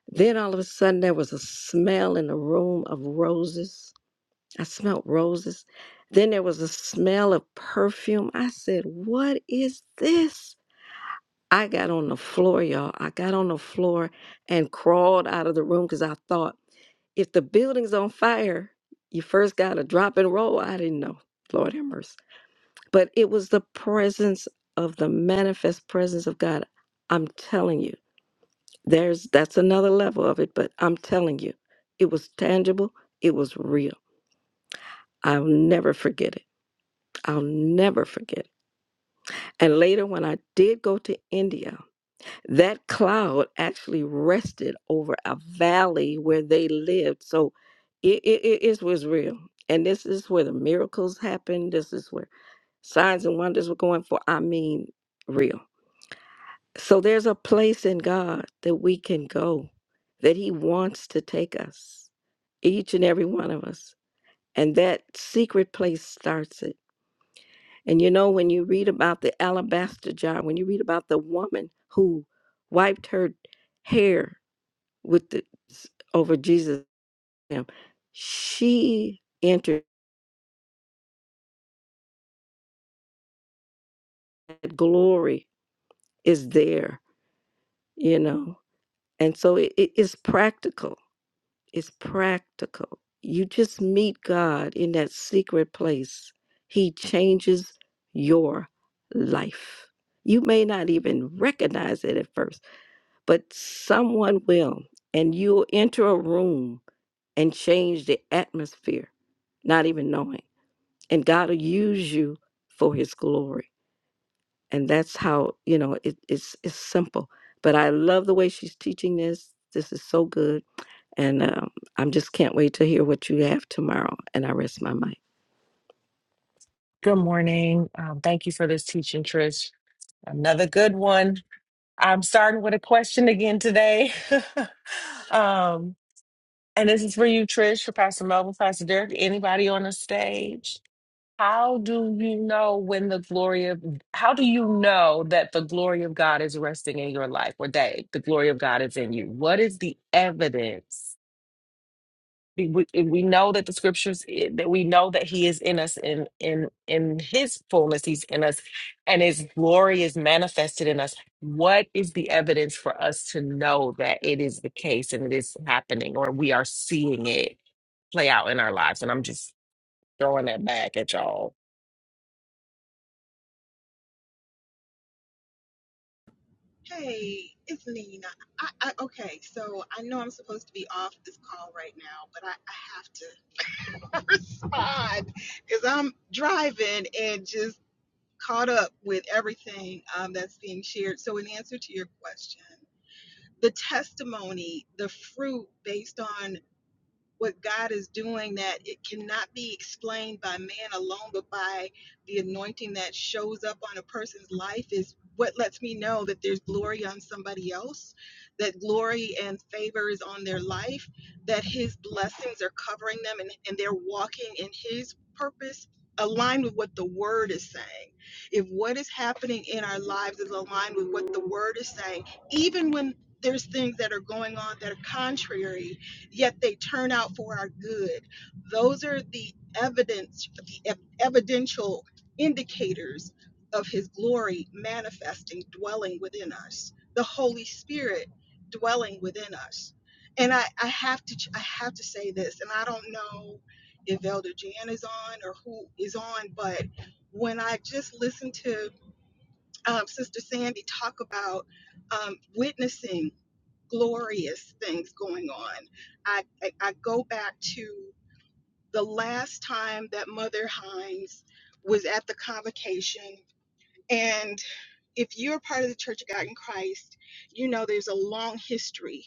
then all of a sudden there was a smell in the room of roses i smelled roses then there was a smell of perfume i said what is this i got on the floor y'all i got on the floor and crawled out of the room because i thought if the building's on fire, you first got to drop and roll. I didn't know. Lord have mercy. But it was the presence of the manifest presence of God. I'm telling you, there's that's another level of it, but I'm telling you, it was tangible, it was real. I'll never forget it. I'll never forget it. And later, when I did go to India, that cloud actually rested over a valley where they lived. So it, it, it, it was real. And this is where the miracles happened. This is where signs and wonders were going for. I mean, real. So there's a place in God that we can go, that He wants to take us, each and every one of us. And that secret place starts it. And you know, when you read about the alabaster jar, when you read about the woman who wiped her hair with the, over Jesus. Him, she entered that glory is there, you know, and so it, it is practical. It's practical. You just meet God in that secret place. He changes your life. You may not even recognize it at first, but someone will, and you'll enter a room and change the atmosphere, not even knowing. and God will use you for His glory. And that's how you know it, it's it's simple. But I love the way she's teaching this. This is so good, and um, I'm just can't wait to hear what you have tomorrow. And I rest my mind.
Good morning. Um, thank you for this teaching, Trish. Another good one. I'm starting with a question again today. um, and this is for you, Trish, for Pastor Melvin, Pastor Derek, anybody on the stage. How do you know when the glory of, how do you know that the glory of God is resting in your life or that the glory of God is in you? What is the evidence we, we if we know that the scriptures i- that we know that he is in us in in in his fullness he's in us and his glory is manifested in us what is the evidence for us to know that it is the case and it is happening or we are seeing it play out in our lives and i'm just throwing that back at y'all
Hey, it's Nina. I, I okay, so I know I'm supposed to be off this call right now, but I, I have to respond because I'm driving and just caught up with everything um, that's being shared. So, in answer to your question, the testimony, the fruit based on what God is doing that it cannot be explained by man alone, but by the anointing that shows up on a person's life is what lets me know that there's glory on somebody else, that glory and favor is on their life, that his blessings are covering them and, and they're walking in his purpose aligned with what the word is saying. If what is happening in our lives is aligned with what the word is saying, even when there's things that are going on that are contrary yet they turn out for our good. Those are the evidence, the ev- evidential indicators of His glory manifesting, dwelling within us. The Holy Spirit dwelling within us. And I, I have to, ch- I have to say this, and I don't know if Elder Jan is on or who is on, but when I just listened to um, Sister Sandy talk about um, witnessing glorious things going on. I, I, I go back to the last time that Mother Hines was at the convocation. And if you're a part of the Church of God in Christ, you know there's a long history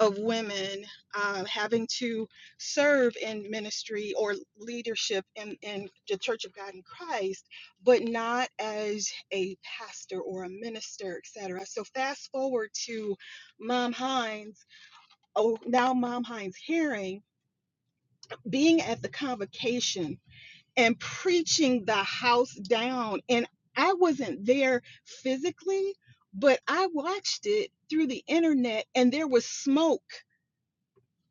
of women um, having to serve in ministry or leadership in, in the Church of God in Christ, but not as a pastor or a minister, etc. So fast forward to Mom Hines oh, now Mom Hines Herring being at the convocation and preaching the house down. And I wasn't there physically, but I watched it through the internet and there was smoke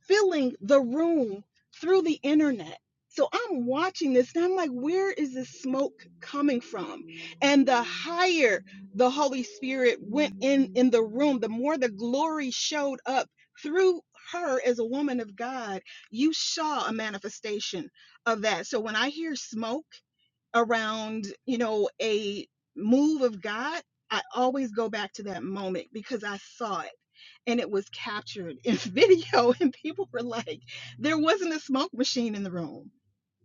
filling the room through the internet. So I'm watching this and I'm like, where is this smoke coming from? And the higher the Holy Spirit went in in the room, the more the glory showed up through her as a woman of God. You saw a manifestation of that. So when I hear smoke around, you know, a move of God, I always go back to that moment because I saw it and it was captured in video and people were like there wasn't a smoke machine in the room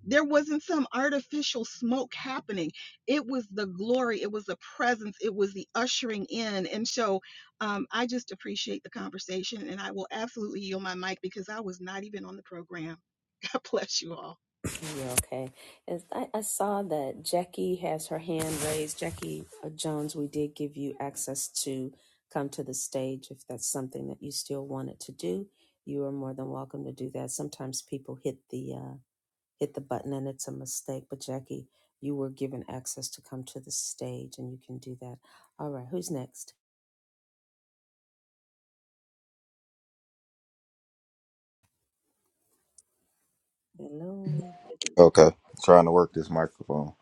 there wasn't some artificial smoke happening it was the glory it was the presence it was the ushering in and so um, i just appreciate the conversation and i will absolutely yield my mic because i was not even on the program god bless you all
Okay, trying to work this microphone.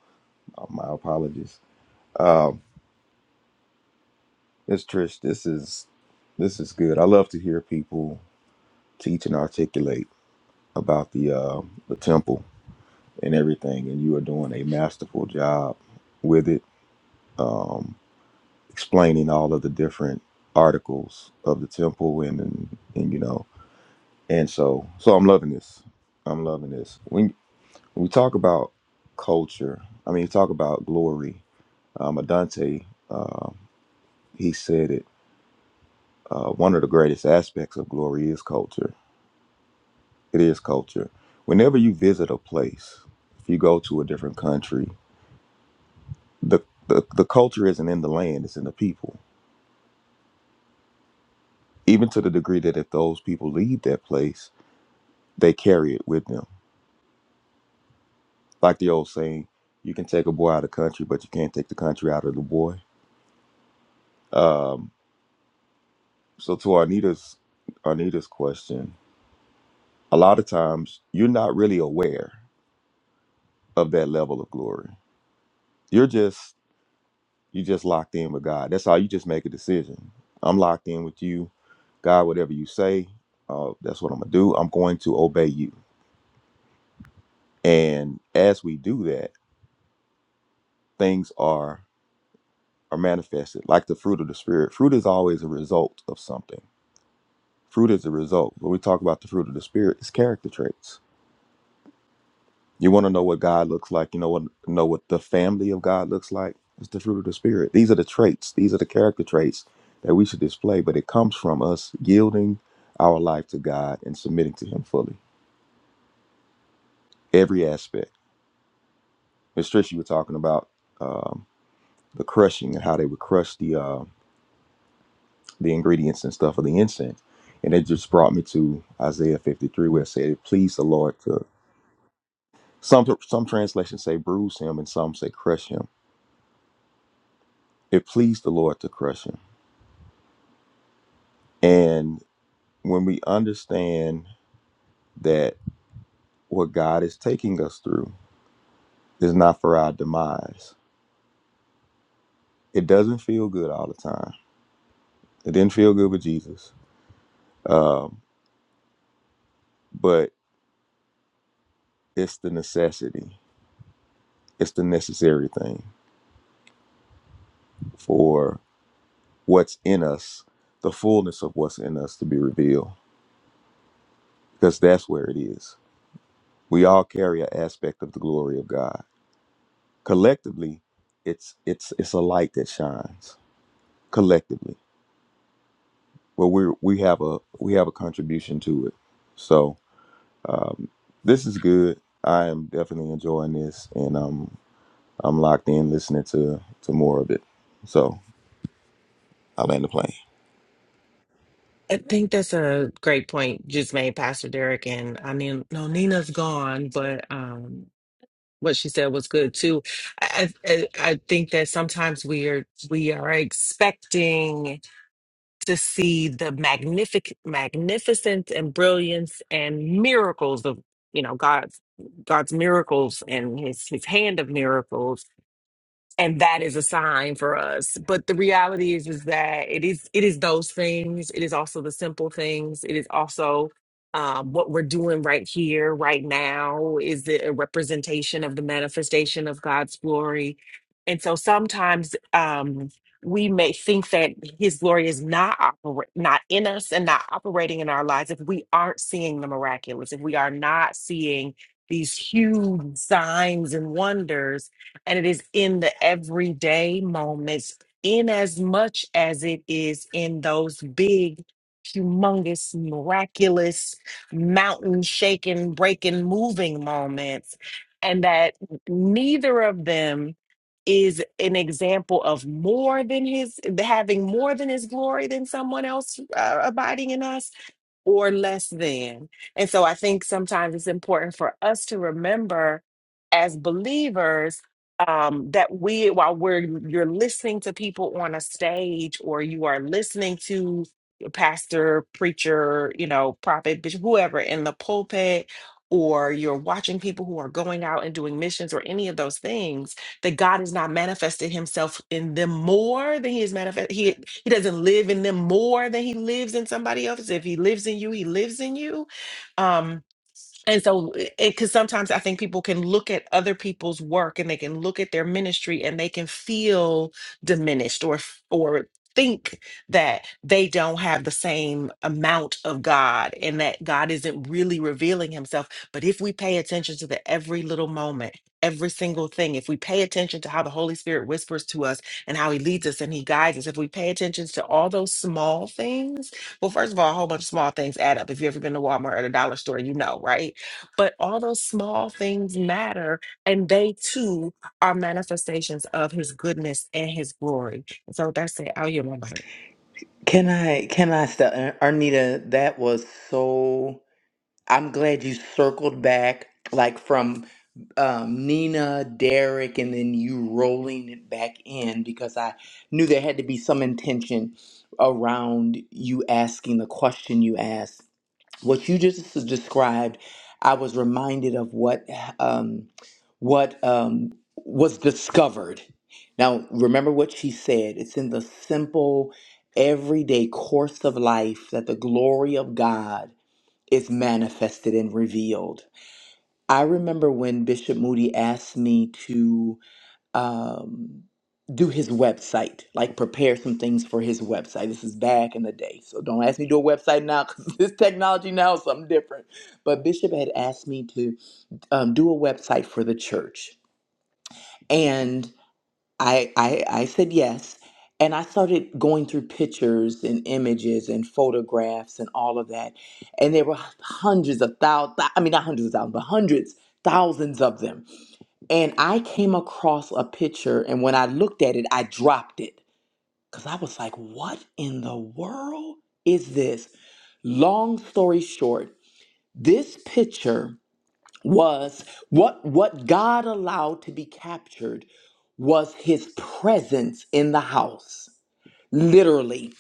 Uh, my apologies. Um, Miss Trish, this is this is good. I love to hear people teach and articulate about the uh, the temple and everything, and you are doing a masterful job with it, um, explaining all of the different articles of the temple and, and and you know, and so so I'm loving this. I'm loving this. When. When we talk about culture, I mean, we talk about glory. Um, Adante, um, he said it. Uh, one of the greatest aspects of glory is culture. It is culture. Whenever you visit a place, if you go to a different country, the, the, the culture isn't in the land, it's in the people. Even to the degree that if those people leave that place, they carry it with them. Like the old saying, you can take a boy out of the country, but you can't take the country out of the boy. Um, So to Anita's Anita's question, a lot of times you're not really aware of that level of glory. You're just you just locked in with God. That's how you just make a decision. I'm locked in with you, God. Whatever you say, uh, that's what I'm gonna do. I'm going to obey you. And as we do that, things are are manifested, like the fruit of the spirit. Fruit is always a result of something. Fruit is a result. When we talk about the fruit of the spirit, it's character traits You want to know what God looks like. You know what know what the family of God looks like. It's the fruit of the spirit. These are the traits. These are the character traits that we should display. But it comes from us yielding our life to God and submitting to Him fully, every aspect. Miss Trish, you were talking about um, the crushing and how they would crush the uh, the ingredients and stuff of the incense, and it just brought me to Isaiah 53, where it said, "It pleased the Lord to." Some some translations say bruise him, and some say crush him. It pleased the Lord to crush him And when we understand that what God is taking us through is not for our demise, it doesn't feel good all the time. It didn't feel good with Jesus, um, but it's the necessity, it's the necessary thing for what's in us, the fullness of what's in us to be revealed, because that's where it is. We all carry an aspect of the glory of God. Collectively, it's it's it's a light that shines collectively well we we have a we have a contribution to it so um, this is good i am definitely enjoying this and um, i'm locked in listening to to more of it so i land the plane
I think that's a great point just made, Pastor Derek. And I mean, no, Nina's gone, but um, what she said was good too. I, I I think that sometimes we are we are expecting to see the magnific magnificence and brilliance and miracles of you know God's God's miracles and his his hand of miracles and that is a sign for us but the reality is is that it is it is those things it is also the simple things it is also um, what we're doing right here right now is it a representation of the manifestation of god's glory and so sometimes um, we may think that his glory is not oper- not in us and not operating in our lives if we aren't seeing the miraculous if we are not seeing these huge signs and wonders and it is in the everyday moments in as much as it is in those big humongous miraculous mountain shaking breaking moving moments and that neither of them is an example of more than his having more than his glory than someone else uh, abiding in us or less than. And so I think sometimes it's important for us to remember as believers um, that we, while we're you're listening to people on a stage or you are listening to your pastor, preacher, you know, prophet, bishop, whoever in the pulpit, or you're watching people who are going out and doing missions or any of those things that God has not manifested himself in them more than he is manifest. He, he doesn't live in them more than he lives in somebody else. If he lives in you, he lives in you. Um, and so because sometimes i think people can look at other people's work and they can look at their ministry and they can feel diminished or f- or think that they don't have the same amount of god and that god isn't really revealing himself but if we pay attention to the every little moment every single thing if we pay attention to how the holy spirit whispers to us and how he leads us and he guides us if we pay attention to all those small things well first of all a whole bunch of small things add up if you've ever been to walmart or the dollar store you know right but all those small things matter, and they too are manifestations of his goodness and his glory. So that's it. I'll hear my mic.
Can I, can I, st- Arnita, that was so. I'm glad you circled back, like from um, Nina, Derek, and then you rolling it back in because I knew there had to be some intention around you asking the question you asked. What you just s- described, I was reminded of what um, what um, was discovered. Now, remember what she said. It's in the simple, everyday course of life that the glory of God is manifested and revealed. I remember when Bishop Moody asked me to um, do his website, like prepare some things for his website. This is back in the day, so don't ask me to do a website now because this technology now is something different. But Bishop had asked me to um, do a website for the church. and. I, I I said yes, and I started going through pictures and images and photographs and all of that, and there were hundreds of thousands. I mean, not hundreds of thousands, but hundreds, thousands of them. And I came across a picture, and when I looked at it, I dropped it because I was like, "What in the world is this?" Long story short, this picture was what what God allowed to be captured was his presence in the house literally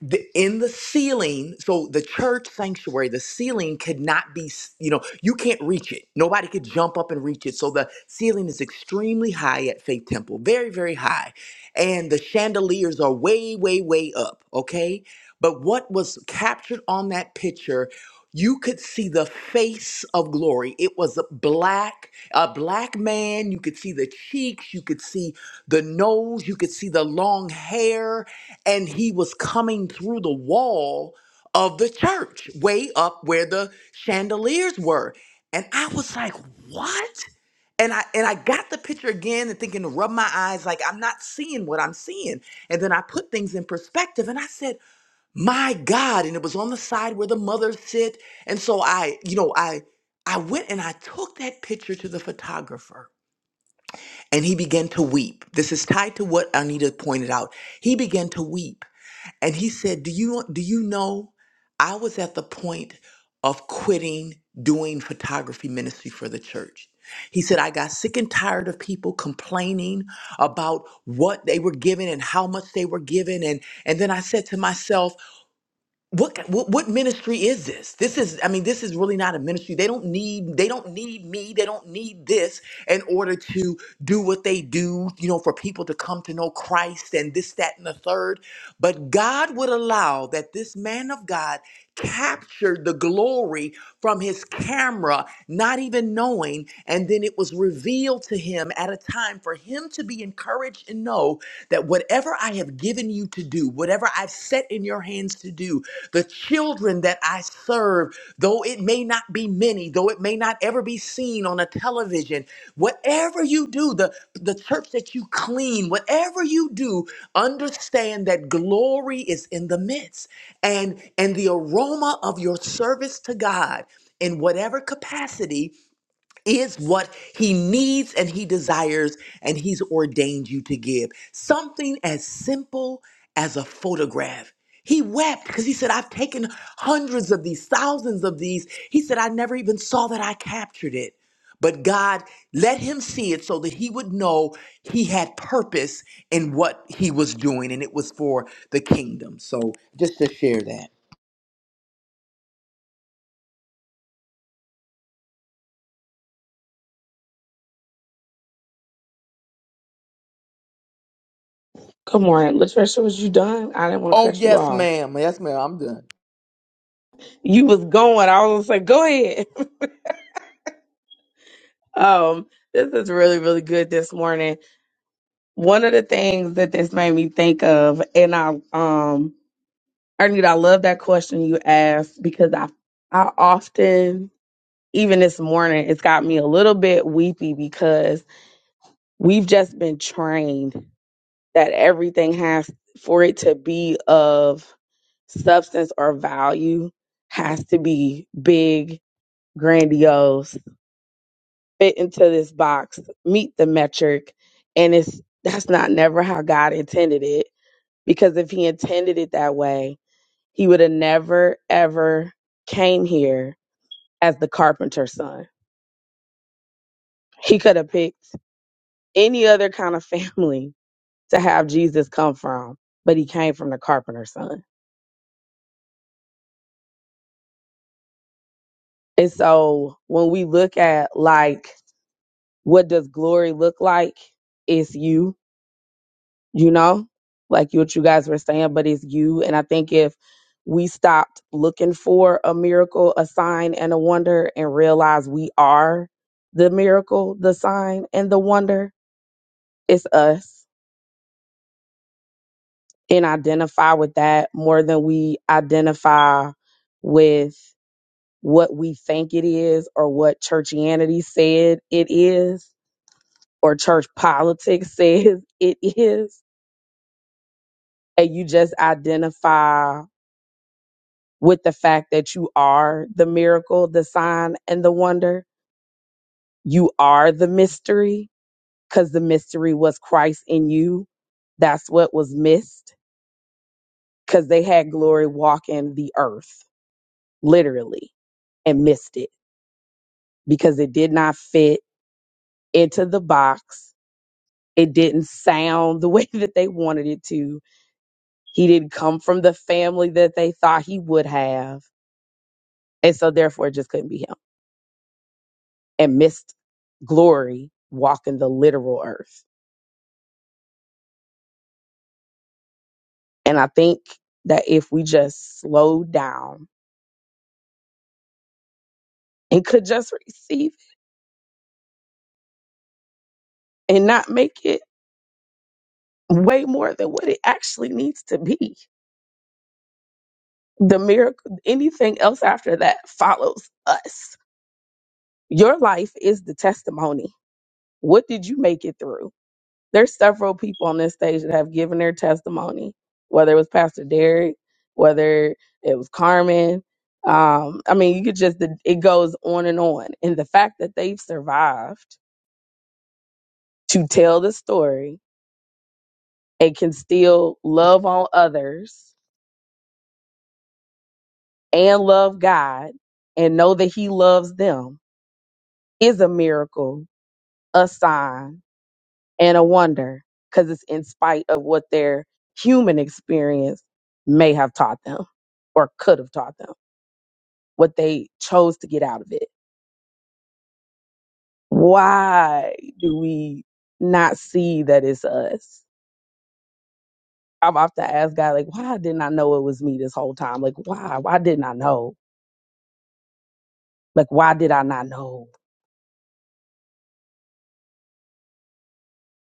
the, in the ceiling so the church sanctuary the ceiling could not be s- you know you can't reach it nobody could jump up and reach it so the ceiling is extremely high at faith temple very very high and the chandeliers are way way way up okay but what was captured on that picture, you could see the face of glory. It was a black, a black man. You could see the cheeks, you could see the nose, you could see the long hair, and he was coming through the wall of the church, way up where the chandeliers were. And I was like, "What?" And I and I got the picture again and thinking to rub my eyes like I'm not seeing what I'm seeing. And then I put things in perspective and I said, my god and it was on the side where the mothers sit and so i you know i i went and i took that picture to the photographer and he began to weep this is tied to what anita pointed out he began to weep and he said do you do you know i was at the point of quitting doing photography ministry for the church he said, I got sick and tired of people complaining about what they were given and how much they were given. And, and then I said to myself, what, what what ministry is this this is i mean this is really not a ministry they don't need they don't need me they don't need this in order to do what they do you know for people to come to know christ and this that and the third but god would allow that this man of god captured the glory from his camera not even knowing and then it was revealed to him at a time for him to be encouraged and know that whatever I have given you to do, whatever I've set in your hands to do, the children that I serve, though it may not be many, though it may not ever be seen on a television, whatever you do, the, the church that you clean, whatever you do, understand that glory is in the midst. And, and the aroma of your service to God in whatever capacity is what he needs and he desires and he's ordained you to give. Something as simple as a photograph. He wept because he said, I've taken hundreds of these, thousands of these. He said, I never even saw that I captured it. But God let him see it so that he would know he had purpose in what he was doing, and it was for the kingdom. So just to share that.
Good morning, Latricia. Was you done? I didn't want to
Oh,
cut you
yes,
off.
ma'am. Yes, ma'am. I'm done.
You was going. I was like, go ahead. Um, this is really, really good this morning. One of the things that this made me think of, and I, um, Ernita, I love that question you asked because I, I often, even this morning, it's got me a little bit weepy because we've just been trained that everything has for it to be of substance or value has to be big grandiose, fit into this box, meet the metric. And it's that's not never how God intended it. Because if he intended it that way, he would have never ever came here as the carpenter's son. He could have picked any other kind of family to have Jesus come from, but he came from the carpenter's son. And so when we look at like what does glory look like? It's you you know, like what you guys were saying, but it's you. And I think if we stopped looking for a miracle, a sign, and a wonder and realize we are the miracle, the sign, and the wonder, it's us. And identify with that more than we identify with what we think it is or what churchianity said it is or church politics says it is. And you just identify with the fact that you are the miracle, the sign, and the wonder. You are the mystery because the mystery was Christ in you. That's what was missed because they had glory walking the earth, literally, and missed it because it did not fit into the box. It didn't sound the way that they wanted it to. He didn't come from the family that they thought he would have. And so, therefore, it just couldn't be him. and missed glory walking the literal earth. And I think that if we just slow down and could just receive and not make it way more than what it actually needs to be, the miracle, anything else after that follows us. Your life is the testimony. What did you make it through? There's several people on this stage that have given their testimony, whether it was Pastor Derek, whether it was Carmen. Um, I mean, you could just, it goes on and on. And the fact that they've survived to tell the story and can still love on others and love God and know that He loves them is a miracle, a sign and a wonder because it's in spite of what their human experience may have taught them or could have taught them, what they chose to get out of it. Why do we not see that it's us? I've often asked God, like, why didn't I know it was me this whole time? Like, why? Why didn't I know? Like, why did I not know?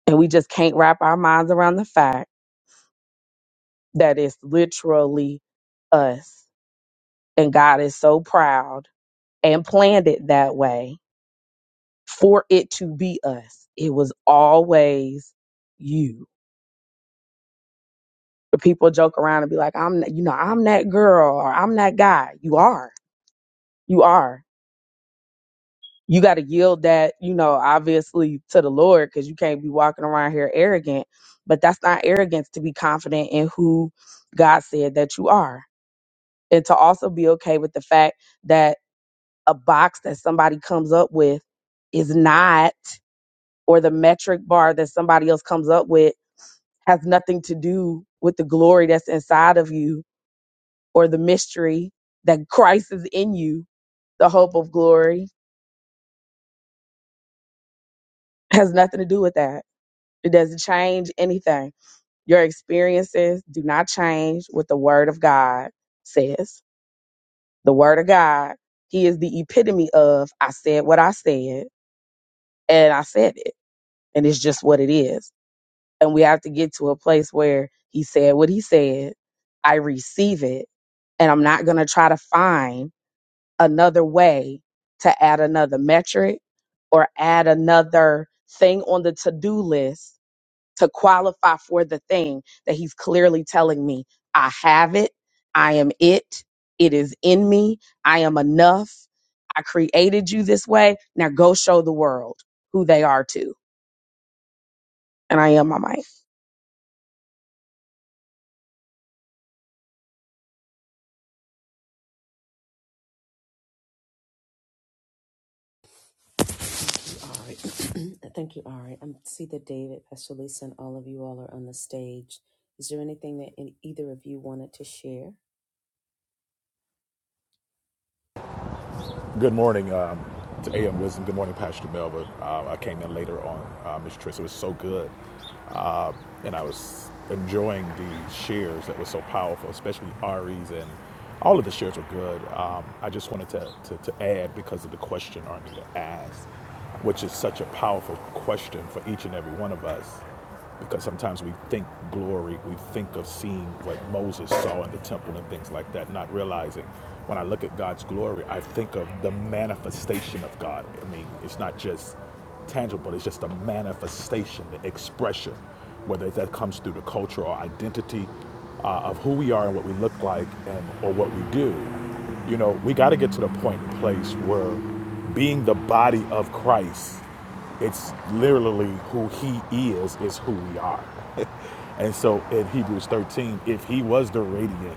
And we just can't wrap our minds around the fact that it's literally us. And God is so proud and planned it that way for it to be us. It was always you. People joke around and be like, I'm, you know, I'm that girl or I'm that guy. You are. You are. You got to yield that, you know, obviously to the Lord because you can't be walking around here arrogant. But that's not arrogance to be confident in who God said that you are. And to also be okay with the fact that a box that somebody comes up with is not, or the metric bar that somebody else comes up with has nothing to do with the glory that's inside of you or the mystery that Christ is in you. The hope of glory has nothing to do with that. It doesn't change anything. Your experiences do not change what the word of God says. The word of God, he is the epitome of I said what I said and I said it. And it's just what it is. And we have to get to a place where he said what he said. I receive it and I'm not going to try to find another way to add another metric or add another thing on the to do list to qualify for the thing that he's clearly telling me I have it, I am it, it is in me, I am enough, I created you this way. Now go show the world who they are to. And I am my mic.
Good morning um, to AM Wisdom. Good morning, Pastor Melba. Uh, I came in later on, uh, Ms. Trish. It was so good. Uh, and I was enjoying the shares that were so powerful, especially Ari's and all of the shares were good. Um, I just wanted to, to, to add because of the question Arnita asked, which is such a powerful question for each and every one of us because sometimes we think glory, we think of seeing what Moses saw in the temple and things like that, not realizing when I look at God's glory, I think of the manifestation of God. I mean, it's not just tangible, it's just a manifestation, the expression, whether that comes through the culture or identity uh, of who we are and what we look like and or what we do you know we got to get to the point and place where being the body of christ it's literally who he is, is who we are. and so in Hebrews 13, if he was the radiant,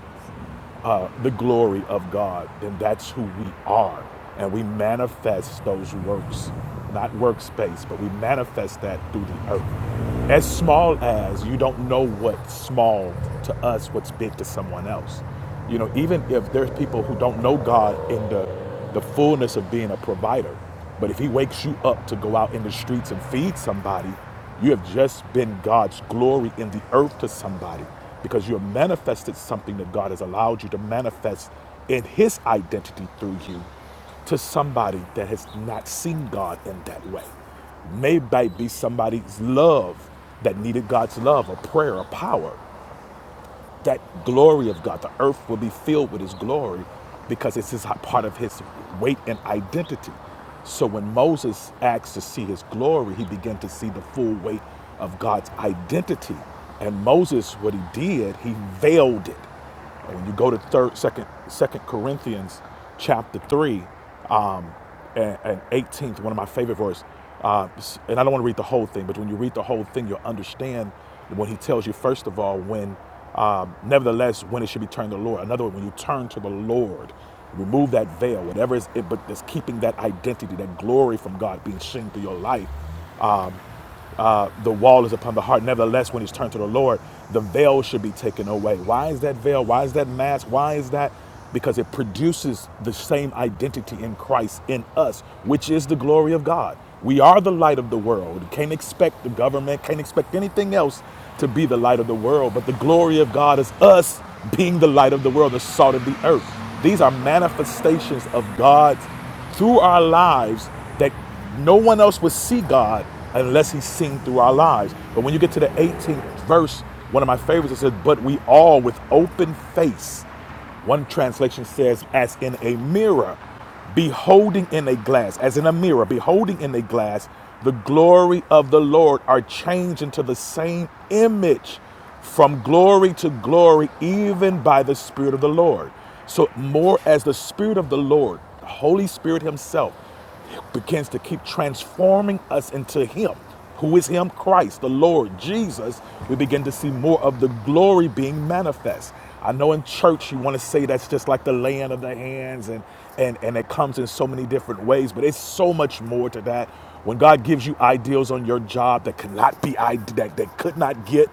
uh, the glory of God, then that's who we are. And we manifest those works, not workspace, but we manifest that through the earth. As small as you don't know what's small to us, what's big to someone else. You know, even if there's people who don't know God in the, the fullness of being a provider, but if he wakes you up to go out in the streets and feed somebody, you have just been God's glory in the earth to somebody because you have manifested something that God has allowed you to manifest in his identity through you to somebody that has not seen God in that way. Maybe be somebody's love that needed God's love, a prayer, a power that glory of God. The earth will be filled with His glory because it's his, part of His weight and identity. So when Moses asked to see His glory, he began to see the full weight of God's identity. And Moses, what he did, he veiled it. And when you go to third, second, second Corinthians chapter three, um, and, and 18th, one of my favorite verses, uh, and I don't want to read the whole thing, but when you read the whole thing, you'll understand when he tells you, first of all, when, um, nevertheless, when it should be turned to the Lord. Another one, when you turn to the Lord, remove that veil, whatever is it, but that's keeping that identity, that glory from God being seen through your life. Um, uh, the wall is upon the heart. Nevertheless, when he's turned to the Lord, the veil should be taken away. Why is that veil? Why is that mask? Why is that? Because it produces the same identity in Christ in us, which is the glory of God. We are the light of the world. Can't expect the government, can't expect anything else to be the light of the world. But the glory of God is us being the light of the world, the salt of the earth. These are manifestations of God's through our lives that no one else would see God unless he's seen through our lives. But when you get to the 18th verse, one of my favorites, it says, But we all with open face. One translation says, As in a mirror, beholding in a glass, as in a mirror, beholding in a glass, the glory of the Lord are changed into the same image from glory to glory, even by the Spirit of the Lord. So, more as the Spirit of the Lord, the Holy Spirit Himself, begins to keep transforming us into Him. Who is Him? Christ, the Lord, Jesus. We begin to see more of the glory being manifest. I know in church you want to say that's just like the laying of the hands, and, and, and it comes in so many different ways, but it's so much more to that. When God gives you ideals on your job that cannot be that, that could not get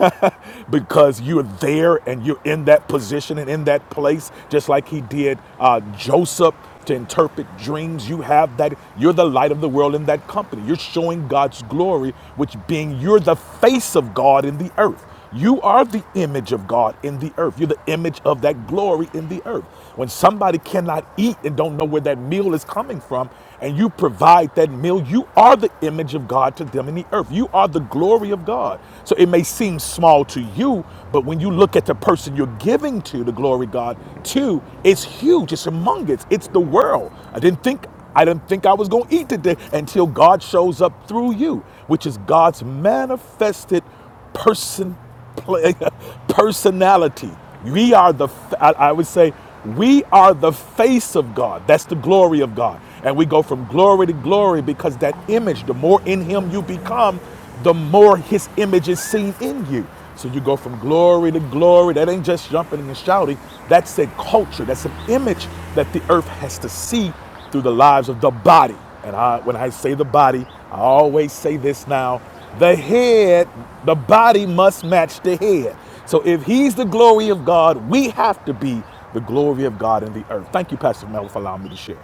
because you're there and you're in that position and in that place, just like he did uh, Joseph to interpret dreams. You have that, you're the light of the world in that company. You're showing God's glory, which being you're the face of God in the earth. You are the image of God in the earth. You're the image of that glory in the earth. When somebody cannot eat and don't know where that meal is coming from, and you provide that meal, you are the image of God to them in the earth. You are the glory of God. So it may seem small to you, but when you look at the person you're giving to, the glory God to, it's huge. It's humongous. It's the world. I didn't think I didn't think I was going to eat today until God shows up through you, which is God's manifested person, play, personality. We are the, I I would say, we are the face of God. That's the glory of God. And we go from glory to glory because that image, the more in Him you become, the more His image is seen in you. So you go from glory to glory. That ain't just jumping and shouting. That's a culture. That's an image that the earth has to see through the lives of the body. And I, when I say the body, I always say this now the head, the body must match the head. So if he's the glory of God, we have to be the glory of God in the earth. Thank you, Pastor Mel, for allowing me to share.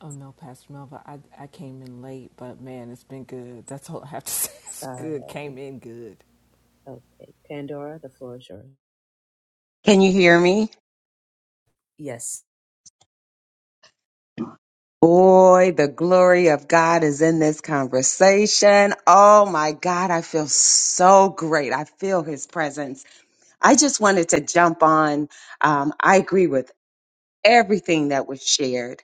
Oh no, Pastor Melva, I I came in late, but man, it's been good. That's all I have to say. It's good. Came in good.
Can you hear me? Boy, the glory of God is in this conversation. Oh my God, I feel so great. I feel his presence. I just wanted to jump on. Um, I agree with everything that was shared.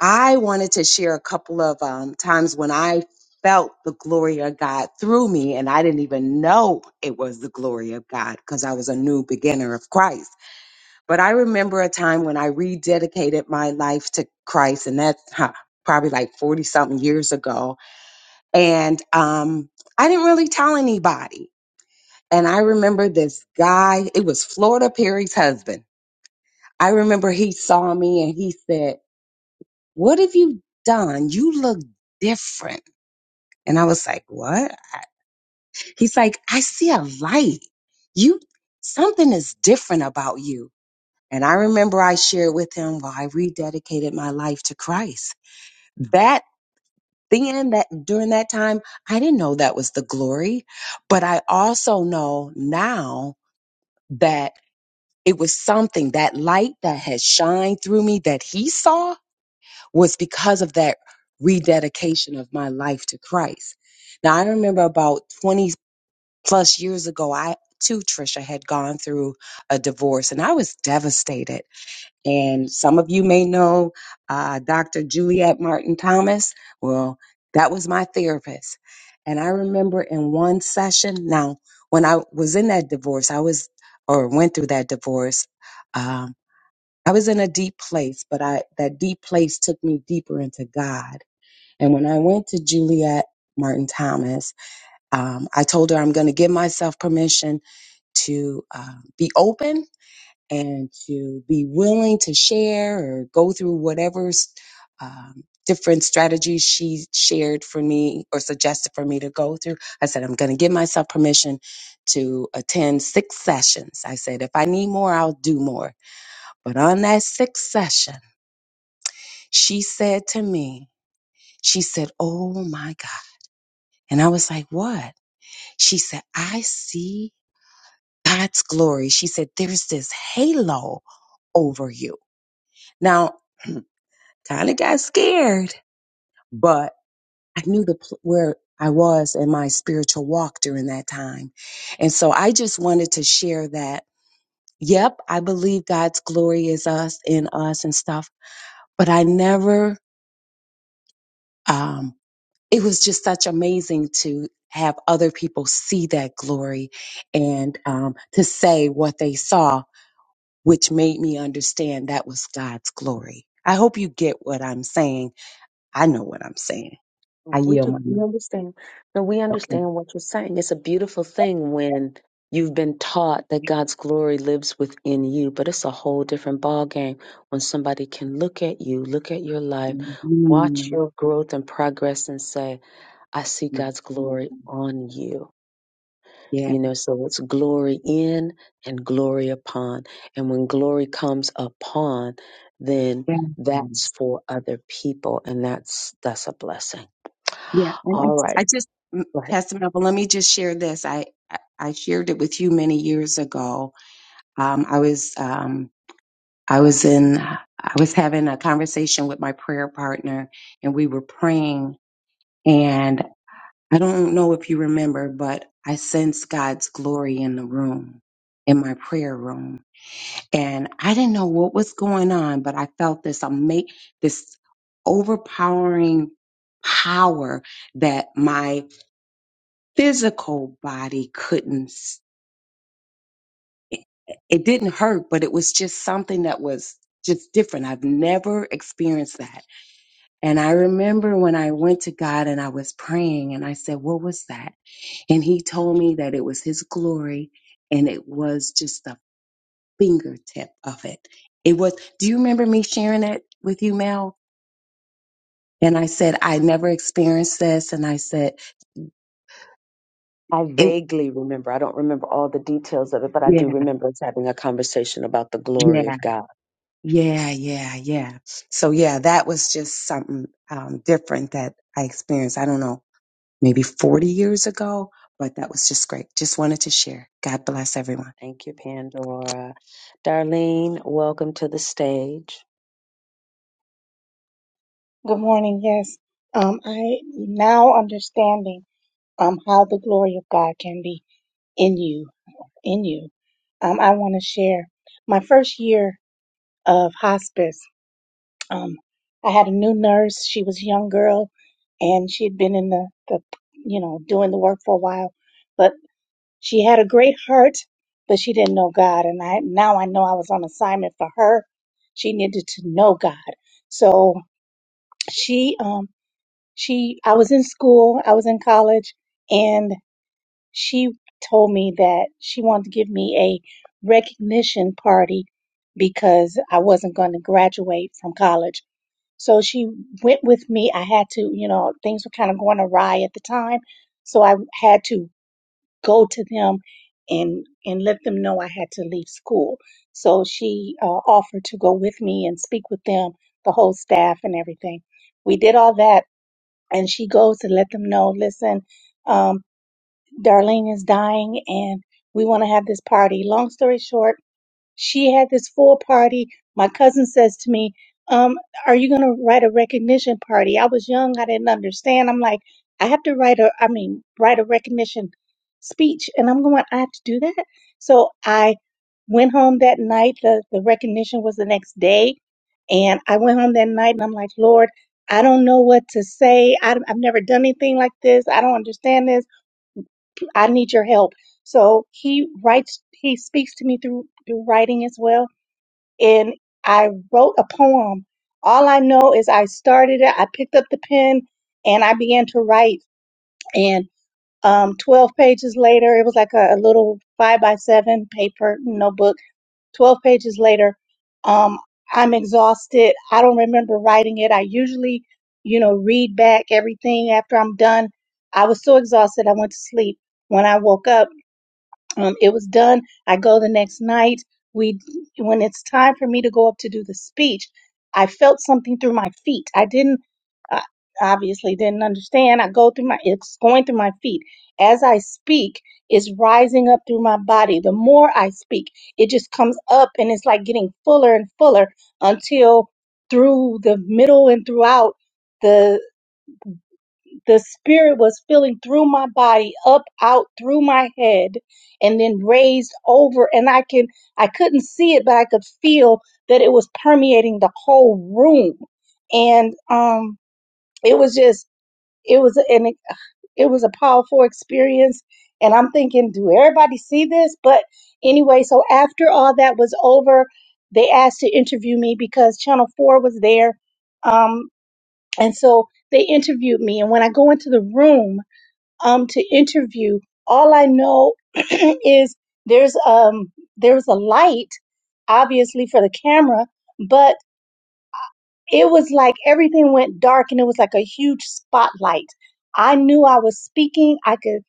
I wanted to share a couple of um, times when I felt the glory of God through me, and I didn't even know it was the glory of God because I was a new beginner of Christ. But I remember a time when I rededicated my life to Christ, and that's huh, probably like 40 something years ago. And um, I didn't really tell anybody. And I remember this guy, it was Florida Perry's husband. I remember he saw me and he said, What have you done? You look different. And I was like, What? He's like, I see a light. You, something is different about you. And I remember I shared with him, well, I rededicated my life to Christ. That then, that during that time, I didn't know that was the glory, but I also know now that it was something that light that had shined through me that he saw was because of that rededication of my life to Christ. Now, I remember about 20 plus years ago, I too, Trisha, had gone through a divorce and I was devastated And some of you may know uh, Dr. Juliet Martin Thomas. Well, that was my therapist. And I remember in one session, now, when I was in that divorce, I was, or went through that divorce, um, I was in a deep place, but I, that deep place took me deeper into God. And when I went to Juliet Martin Thomas, um, I told her I'm going to give myself permission to uh, be open and to be willing to share or go through whatever um, different strategies she shared for me or suggested for me to go through. I said, I'm going to give myself permission to attend six sessions. I said, if I need more, I'll do more. But on that sixth session, she said to me, she said, Oh my God. And I was like, What? She said, I see God's glory. She said, There's this halo over you. Now, kind of got scared, but I knew the pl- where I was in my spiritual walk during that time. And so I just wanted to share that. Yep, I believe God's glory is us in us and stuff, but I never um it was just such amazing to have other people see that glory and um to say what they saw, which made me understand that was God's glory. I hope you get what I'm saying. I know what I'm saying. I yield my mind. Mhm. Yeah. yeah, Yes. Yeah. And I, I just, mm, Pastor Melvin, let me just share this. I, I I shared it with you many years ago. Um, I was, um, I was in, I was having a conversation with my prayer partner and we were praying and I don't know if you remember, but I sensed God's glory in the room, in my prayer room. and I didn't know what was going on, but I felt this ama- this overpowering power that my physical body couldn't. s- It it didn't hurt, but it was just something that was just different. I've never experienced that. And I remember when I went to God and I was praying and I said, What was that? And he told me that it was his glory and it was just the fingertip of it. It was, do you remember me sharing that with you, Mel? And I said, I never experienced this. And I said, it, yeah, yeah, yeah, yeah, yeah. So yeah, that was just something um, different that I experienced. I don't know, maybe 40 years ago, but that was just great. Just wanted to share. God bless everyone.
Good morning. Yes. Um, I now understanding um how the glory of God can be in you, in you. Um, I want to share my first year of hospice. Um, I had a new nurse. She was a young girl, and she had been in the the you know doing the work for a while, but she had a great heart, but she didn't know God. And I now I know I was on assignment for her. She needed to know God, so she um. She, I was in school, I was in college, and she told me that she wanted to give me a recognition party because I wasn't going to graduate from college. So she went with me. I had to, you know, things were kind of going awry at the time, so I had to go to them and and let them know I had to leave school. So she uh, offered to go with me and speak with them, the whole staff and everything. We did all that and she goes to let them know, listen, um, Darlene is dying and we want to have this party. Long story short, she had this full party. My cousin says to me, um, are you going to write a recognition party? I was young. I didn't understand. I'm like, I have to write a, I mean, write a recognition speech. And I'm going, I have to do that. So I went home that night. The, the recognition was the next day. And I went home that night and I'm like, Lord, I don't know what to say. I, I've never done anything like this. I don't understand this. I need your help. So he writes, he speaks to me through, through writing as well and I wrote a poem. All I know is I started it, I picked up the pen, and I began to write. And um, 12 pages later, it was like a, a little five by seven paper notebook. 12 pages later, um, I'm exhausted. I don't remember writing it. I usually, you know, read back everything after I'm done. I was so exhausted, I went to sleep. When I woke up, um, it was done. I go the next night. We, when it's time for me to go up to do the speech, I felt something through my feet. I didn't, I obviously didn't understand. I go through my, it's going through my feet. As I speak, it's rising up through my body. The more I speak, it just comes up and it's like getting fuller and fuller until through the middle and throughout the the spirit was filling through my body up out through my head and then raised over and i can i couldn't see it but i could feel that it was permeating the whole room and um it was just it was an it was a powerful experience and i'm thinking do everybody see this but anyway so after all that was over they asked to interview me because channel 4 was there um and so they interviewed me and when i go into the room um, to interview. All I know is there's um there's a light, obviously for the camera, but it was like everything went dark and it was like a huge spotlight. I knew I was speaking. I could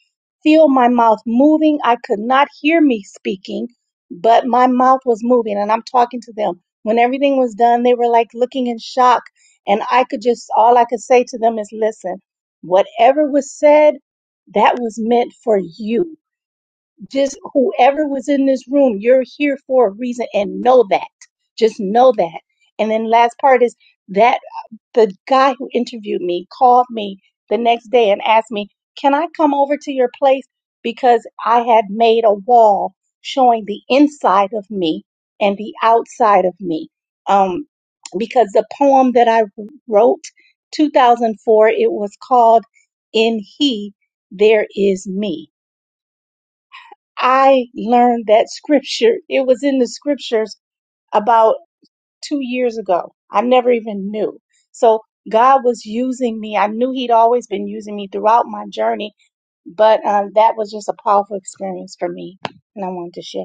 feel my mouth moving. I could not hear me speaking, but my mouth was moving and I'm talking to them. When everything was done, they were like looking in shock. And I could just, all I could say to them is, listen, whatever was said, that was meant for you. Just whoever was in this room, you're here for a reason and know that. Just know that. And then last part is, that the guy who interviewed me called me the next day and asked me, Can I come over to your place? Because I had made a wall showing the inside of me and the outside of me. Um, because the poem that I wrote 2004 it was called in he there is me i learned that scripture it was in the scriptures about two years ago. I never even knew. So God was using me. I knew He'd always been using me throughout my journey, but um, that was just a powerful experience for me, and I wanted to share.